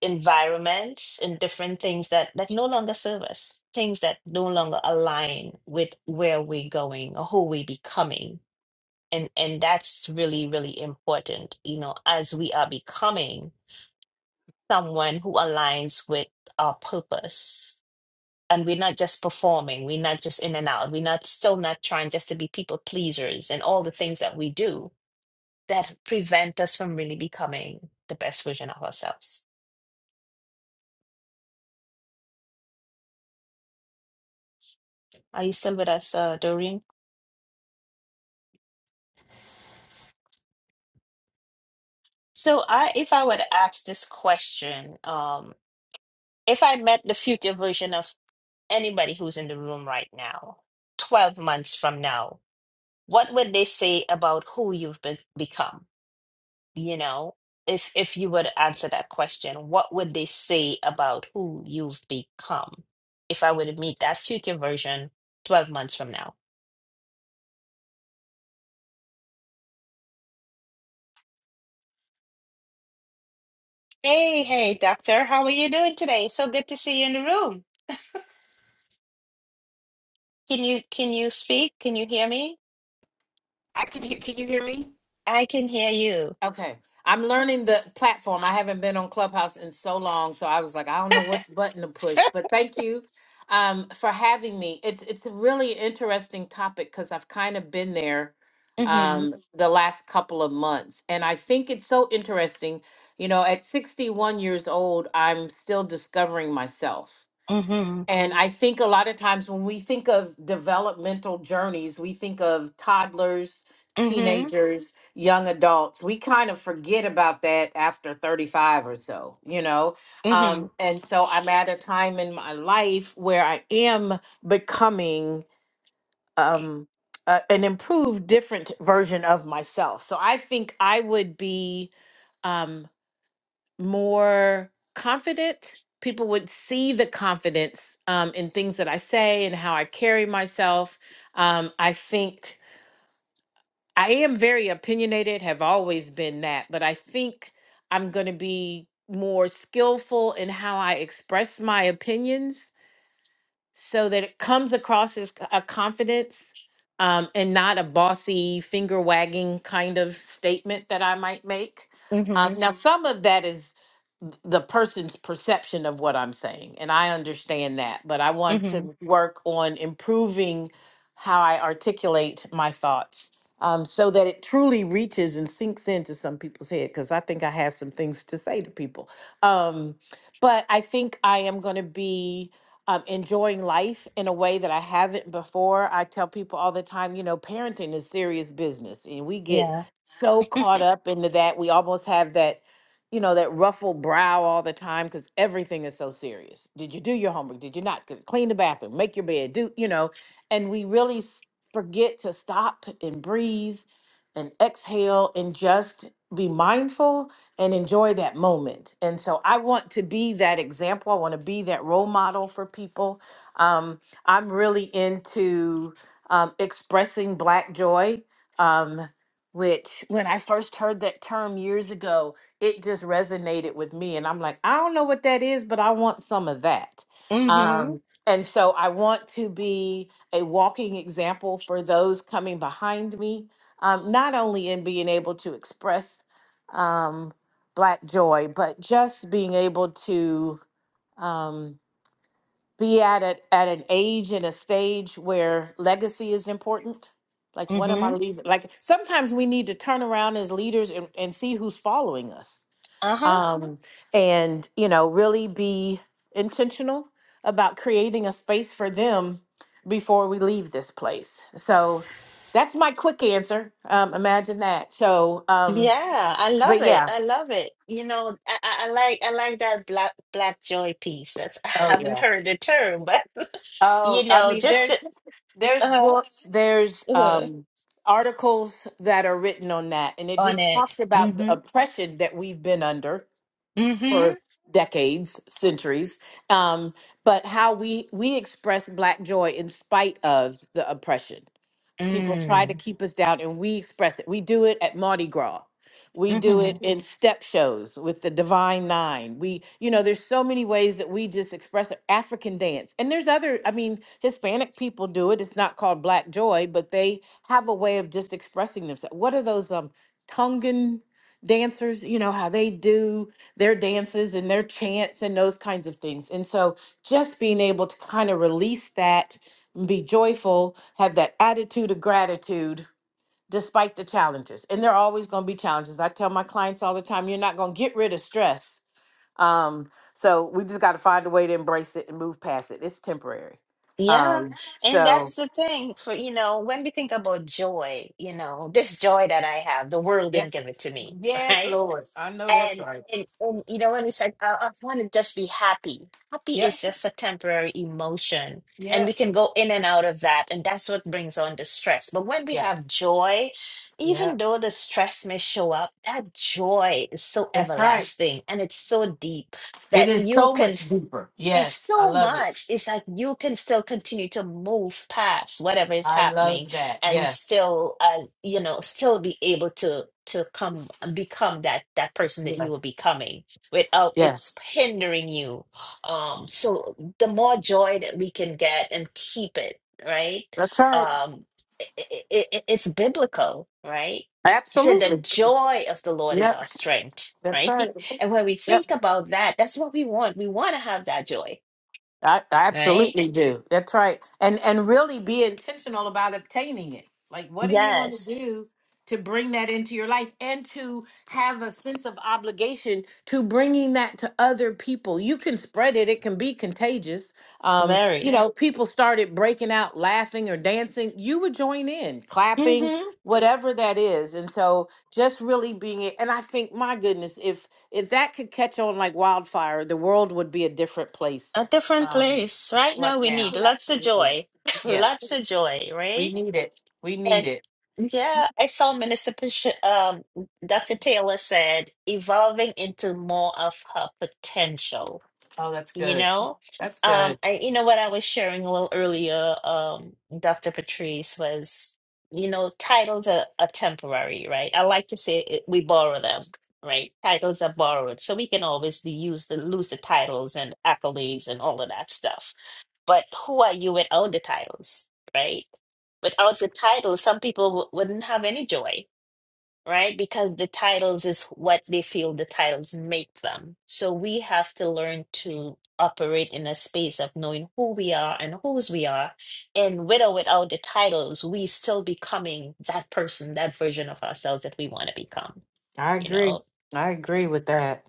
A: environments and different things that that no longer serve us things that no longer align with where we're going or who we're becoming and and that's really really important you know as we are becoming someone who aligns with our purpose and we're not just performing we're not just in and out we're not still not trying just to be people pleasers and all the things that we do that prevent us from really becoming the best version of ourselves are you still with us uh, Doreen So I, if I were to ask this question, um, if I met the future version of anybody who's in the room right now, 12 months from now, what would they say about who you've be become? You know, if if you were to answer that question, what would they say about who you've become? If I were to meet that future version 12 months from now. Hey, hey, doctor, how are you doing today? So good to see you in the room. Can you can you speak? Can you hear me?
F: I can hear. Can you hear me?
A: I can hear you.
F: Okay. I'm learning the platform. I haven't been on Clubhouse in so long, so I was like, I don't know which button to push. But thank you um, for having me. It's it's a really interesting topic because I've kind of been there
A: Mhm.
F: um, the last couple of months, and I think it's so interesting. You know, at 61 years old, I'm still discovering myself
A: Mhm.
F: and I think a lot of times when we think of developmental journeys, we think of toddlers,
A: Mhm.
F: teenagers, young adults. We kind of forget about that after 35 or so, you know? Um,
A: Mhm.
F: and so I'm at a time in my life where I am becoming um, a, an improved, different version of myself. So I think I would be. Um, more confident. People would see the confidence um, in things that I say and how I carry myself. Um, I think I am very opinionated, have always been that, but I think I'm going to be more skillful in how I express my opinions so that it comes across as c- a confidence um, and not a bossy finger wagging kind of statement that I might make. Uh,
A: Mhm.
F: now, Mhm. some of that is th- the person's perception of what I'm saying, and I understand that, but I want
A: Mhm.
F: to work on improving how I articulate my thoughts um, so that it truly reaches and sinks into some people's head, because I think I have some things to say to people. Um, but I think I am going to be um, enjoying life in a way that I haven't before. I tell people all the time, you know, parenting is serious business, and we get
A: Yeah.
F: so caught up into that. We almost have that, you know, that ruffled brow all the time because everything is so serious. Did you do your homework? Did you not? Good- Clean the bathroom, make your bed, do, you know, and we really s- forget to stop and breathe and exhale and just be mindful and enjoy that moment. And so I want to be that example. I want to be that role model for people. Um, I'm really into um, expressing Black joy, um, which when I first heard that term years ago, it just resonated with me. And I'm like, I don't know what that is, but I want some of that.
A: Mhm.
F: Um, and so I want to be a walking example for those coming behind me, um, not only in being able to express. Um, black joy but just being able to um, be at it at an age and a stage where legacy is important like what am i
A: Mhm.
F: leaving like sometimes we need to turn around as leaders and, and see who's following us
A: Uh-huh.
F: um, and you know really be intentional about creating a space for them before we leave this place so that's my quick answer um, imagine that so um,
A: Yeah, I
F: but
A: love it.
F: yeah
A: I love it. You know, I, I, I like I like that black black joy piece. That's I
F: oh
A: haven't
F: yeah
A: heard the term, but you
F: Oh, I
A: know,
F: mean,
A: just the,
F: there's there's
A: uh,
F: books, there's
A: uh
F: um articles that are written on that, and it
A: on
F: just
A: it.
F: talks about the
A: Mhm.
F: oppression that we've been under
A: Mhm.
F: for decades, centuries, um, but how we we express black joy in spite of the oppression people try to
A: Mm.
F: keep us down and we express it. We do it at Mardi Gras. We do
A: Mhm.
F: it in Mhm. step shows with the Divine Nine. We, you know, there's so many ways that we just express it. African dance. And there's other, I mean, Hispanic people do it. It's not called Black Joy, but they have a way of just expressing themselves. What are those um Tongan dancers, you know, how they do their dances and their chants and those kinds of things. And so just being able to kind of release that be joyful, have that attitude of gratitude despite the challenges. And there are always going to be challenges. I tell my clients all the time, you're not going to get rid of stress. Um, so we just got to find a way to embrace it and move past it. It's temporary.
A: Yeah,
F: Um, Yeah.
A: and
F: so
A: that's the thing for you know when we think about joy, you know, this joy that I have, the world
F: yes,
A: didn't give it to me,
F: yes,
A: right?
F: Lord, I know that's
A: And,
F: right.
A: and and you know when we said I, I want to just be happy. Happy
F: Yep,
A: is just a temporary emotion, and we
F: yep,
A: can go in and out of that, and that's what brings on the stress. But when we have
F: yes,
A: joy, even
F: yep,
A: though the stress may show up, that joy is so
F: that's right.
A: everlasting and it's so deep
F: It
A: that
F: is
A: you
F: so
A: can.
F: much
A: s-
F: deeper.
A: It's
F: Yes, I
A: so
F: love it.
A: much. It's like you can still continue to move past whatever is
F: I
A: happening
F: love that.
A: and
F: Yes,
A: still uh, you know still be able to to come become that that person that you were
F: yes,
A: becoming without it
F: yes.
A: hindering you um so the more joy that we can get and keep it right
F: That's right.
A: um it, it, it's biblical right he said the
F: Absolutely.
A: joy of the lord is
F: Yep.
A: our strength
F: That's
A: right
F: right.
A: and when we
F: Yep.
A: think about that that's what we want we want to have that joy
F: I, I
A: right
F: absolutely do. That's right. And and really be intentional about obtaining it. Like what are you going to
A: yes
F: do to bring that into your life and to have a sense of obligation to bringing that to other people. You can spread it. It can be contagious. Um, you
A: very
F: know, people started breaking out laughing or dancing, you would join in, clapping,
A: Mm-hmm.
F: whatever that is. And so just really being it and I think my goodness, if if that could catch on like wildfire, the world would be a different place
A: A different
F: um,
A: place. Right
F: right
A: now, we
F: now.
A: need lots of
F: Absolutely.
A: joy,
F: Yes.
A: lots of joy,
F: We
A: right?
F: need it. We need
A: And
F: it.
A: yeah, I saw Municipal um, Dr. Taylor said evolving into more of her potential
F: Oh, that's
A: you
F: good.
A: know
F: That's
A: um
F: good.
A: I, you know what i was sharing a little earlier um dr patrice was you know titles are, are temporary right i like to say it, we borrow them right titles are borrowed so we can always be used to lose the titles and accolades and all of that stuff but who are you without the titles right without the titles some people w- wouldn't have any joy right? Because the titles is what they feel the titles make them. So we have to learn to operate in a space of knowing who we are and whose we are. And with or without the titles, we still becoming that person, that version of ourselves that we want to become,
F: I
A: you know?
F: agree. I agree with that.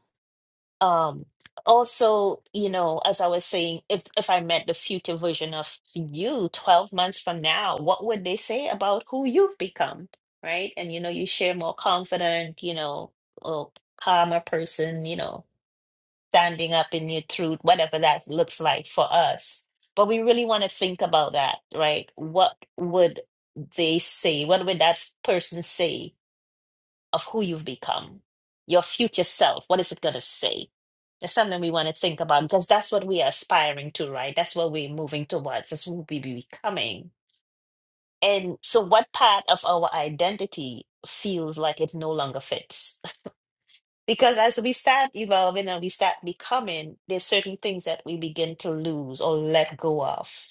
A: um also you know as i was saying if if i met the future version of you 12 months from now what would they say about who you've become right and you know you share more confident you know or calmer person you know standing up in your truth whatever that looks like for us but we really want to think about that right what would they say what would that person say of who you've become, your future self. What is it going to say? That's something we want to think about because that's what we are aspiring to, right? That's what we're moving towards. That's what we be becoming. And so, what part of our identity feels like it no longer fits? Because as we start evolving and we start becoming, there's certain things that we begin to lose or let go of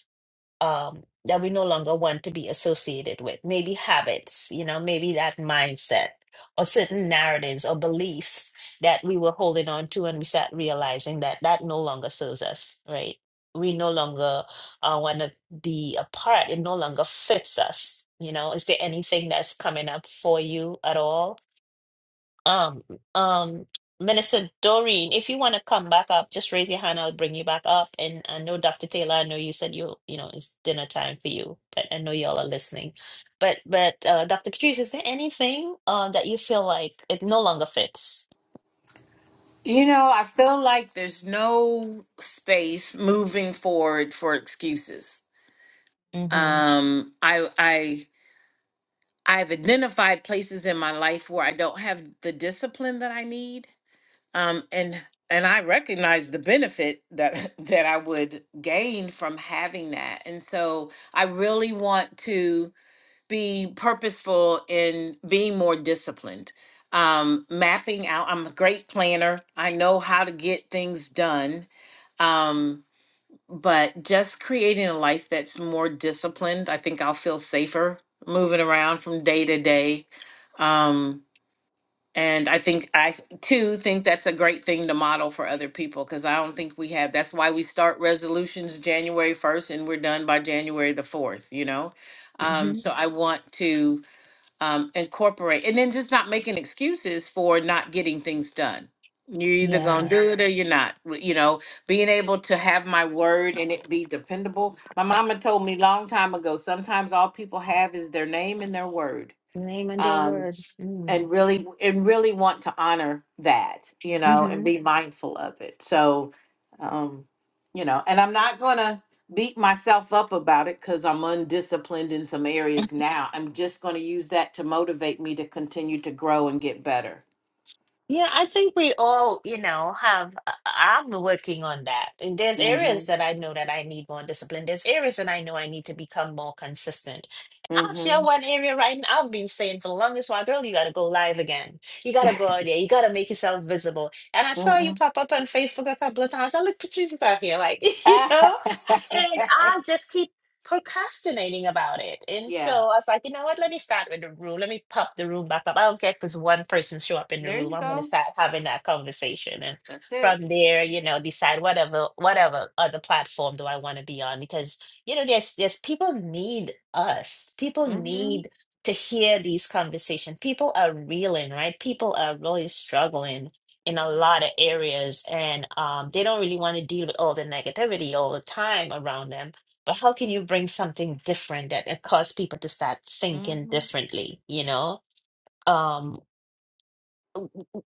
A: um, that we no longer want to be associated with. Maybe habits, you know, maybe that mindset or certain narratives or beliefs that we were holding on to, and we start realizing that that no longer serves us, right? We no longer uh, want to be a part. It no longer fits us. You know, is there anything that's coming up for you at all? Um, um, Minister Doreen, if you want to come back up, just raise your hand. I'll bring you back up. And I know Dr. Taylor, I know you said you, you know, it's dinner time for you, but I know y'all are listening. But, but uh, Dr. Catrice, is there anything uh, that you feel like it no longer fits?
F: You know, I feel like there's no space moving forward for excuses.
A: Mm-hmm.
F: Um, I I I've identified places in my life where I don't have the discipline that I need. um, and and I recognize the benefit that that I would gain from having that, and so I really want to be purposeful in being more disciplined. Um, mapping out. I'm a great planner. I know how to get things done. Um, but just creating a life that's more disciplined, I think I'll feel safer moving around from day to day. Um, and I think I too think that's a great thing to model for other people because I don't think we have. That's why we start resolutions January 1st and we're done by January the 4th, you know? Um,
A: Mm-hmm.
F: so I want to um, incorporate and then just not making excuses for not getting things done. You're either going to
A: Yeah.
F: do it or you're not. w- You know, being able to have my word and it be dependable. My mama told me long time ago sometimes all people have is their name and their word
A: Name and their word. Mm.
F: and really and really want to honor that you know and
A: Mm-hmm.
F: be mindful of it so um you know and i'm not gonna beat myself up about it because i'm undisciplined in some areas now i'm just gonna use that to motivate me to continue to grow and get better
A: Yeah, I think we all, you know, have. I- I'm working on that. And there's
F: mm-hmm
A: areas that I know that I need more discipline. There's areas that I know I need to become more consistent. And I'll share
F: mm-hmm
A: one area right now. I've been saying for the longest while, girl, you got to go live again. You got to go out there. You got to make yourself visible. And I saw
F: mm-hmm
A: you pop up on Facebook a couple of times. I looked, Patricia's out here, like, you know? And I just keep procrastinating about it. And so
F: yeah
A: I was like, you know what? Let me start with the room. Let me pop the room back up. I don't care if it's one person show up in the
F: there
A: room.
F: you
A: I'm gonna
F: go
A: start having that conversation. And
F: that's it
A: from there, you know, decide whatever whatever other platform do I want to be on. Because, you know, there's there's people need us. People
F: mm-hmm
A: need to hear these conversations. People are reeling, right? People are really struggling in a lot of areas and um, they don't really want to deal with all the negativity all the time around them but how can you bring something different that it cause people to start thinking
F: mm-hmm
A: differently you know um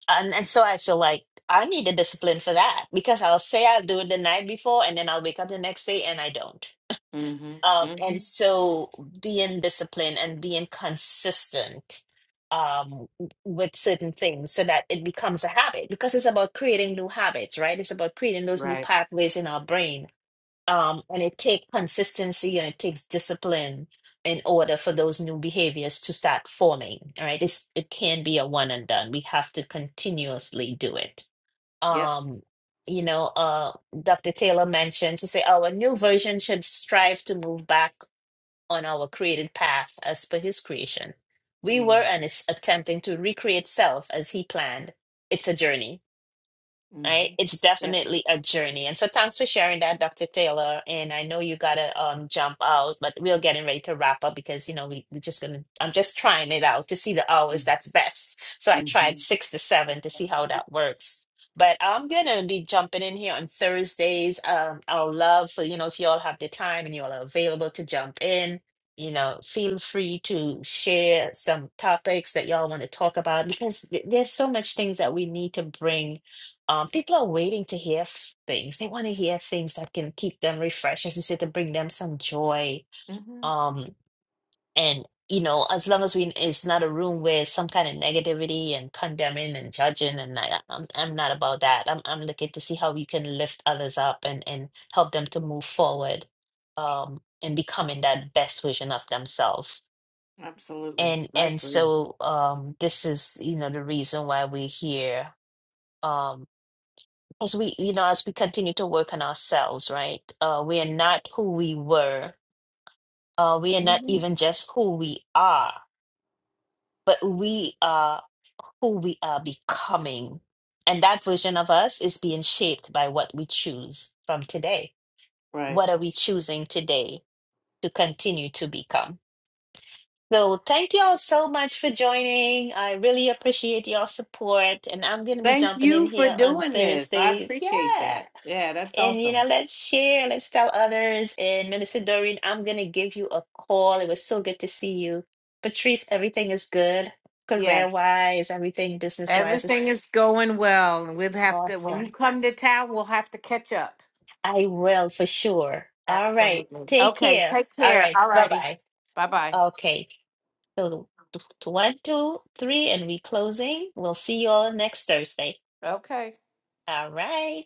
A: and and so i feel like i need a discipline for that because i'll say i'll do it the night before and then i'll wake up the next day and i don't
F: mm-hmm
A: um
F: mm-hmm
A: and so being disciplined and being consistent um w- with certain things so that it becomes a habit because it's about creating new habits right it's about creating those new
F: right
A: pathways in our brain um, and it takes consistency and it takes discipline in order for those new behaviors to start forming. All right, it's, it can't be a one and done. We have to continuously do it.
F: yep
A: Um, you know, uh, Dr. Taylor mentioned to say our new version should strive to move back on our created path as per His creation. We were and is attempting to recreate self as He planned. It's a journey right?
F: mm-hmm
A: It's
F: yep
A: definitely a journey. And so thanks for sharing that, Dr. Taylor. And I know you gotta um jump out, but we're getting ready to wrap up because you know we, we're just gonna I'm just trying it out to see the hours that's best. So I
F: hmm
A: tried six to seven to see how that works. But I'm gonna be jumping in here on Thursdays. Um I'll love for you know if you all have the time and you all are available to jump in. You know, feel free to share some topics that y'all want to talk about because th- there's so much things that we need to bring um, people are waiting to hear f- things. They want to hear things that can keep them refreshed, as you said, to bring them some joy.
F: hmm
A: Um, and you know, as long as we it's not a room where some kind of negativity and condemning and judging, and I, I'm I'm not about that. I'm I'm looking to see how we can lift others up and and help them to move forward, um, and becoming that best version of themselves.
F: Absolutely.
A: And
F: I
A: and
F: agree.
A: so um, this is you know the reason why we're here. Um, as we you know as we continue to work on ourselves right uh we are not who we were uh we are not
F: hmm
A: even just who we are but we are who we are becoming and that version of us is being shaped by what we choose from today
F: Right.
A: what are we choosing today to continue to become so thank you all so much for joining i really appreciate your support and i'm going to be
F: Thank
A: jumping in
F: you for
A: here on
F: doing this. I
A: thursdays
F: appreciate
A: yeah
F: that. Yeah, that's
A: And you know,
F: awesome.
A: let's share, let's tell others. And Minister Doreen, I'm gonna give you a call. It was so good to see you. Patrice, everything is good, career
F: Yes.
A: wise, everything business wise
F: Everything is
A: is
F: going well. And we'll have to, when you
A: awesome.
F: come to town, we'll have to catch up.
A: I will for sure. All right,
F: Absolutely.
A: take
F: Okay.
A: care.
F: Take
A: All
F: care.
A: right,
F: All
A: bye
F: righty.
A: bye.
F: Bye bye.
A: Okay, so t- t- one, two, three, and we closing. We'll see you all next Thursday.
F: Okay.
A: All right.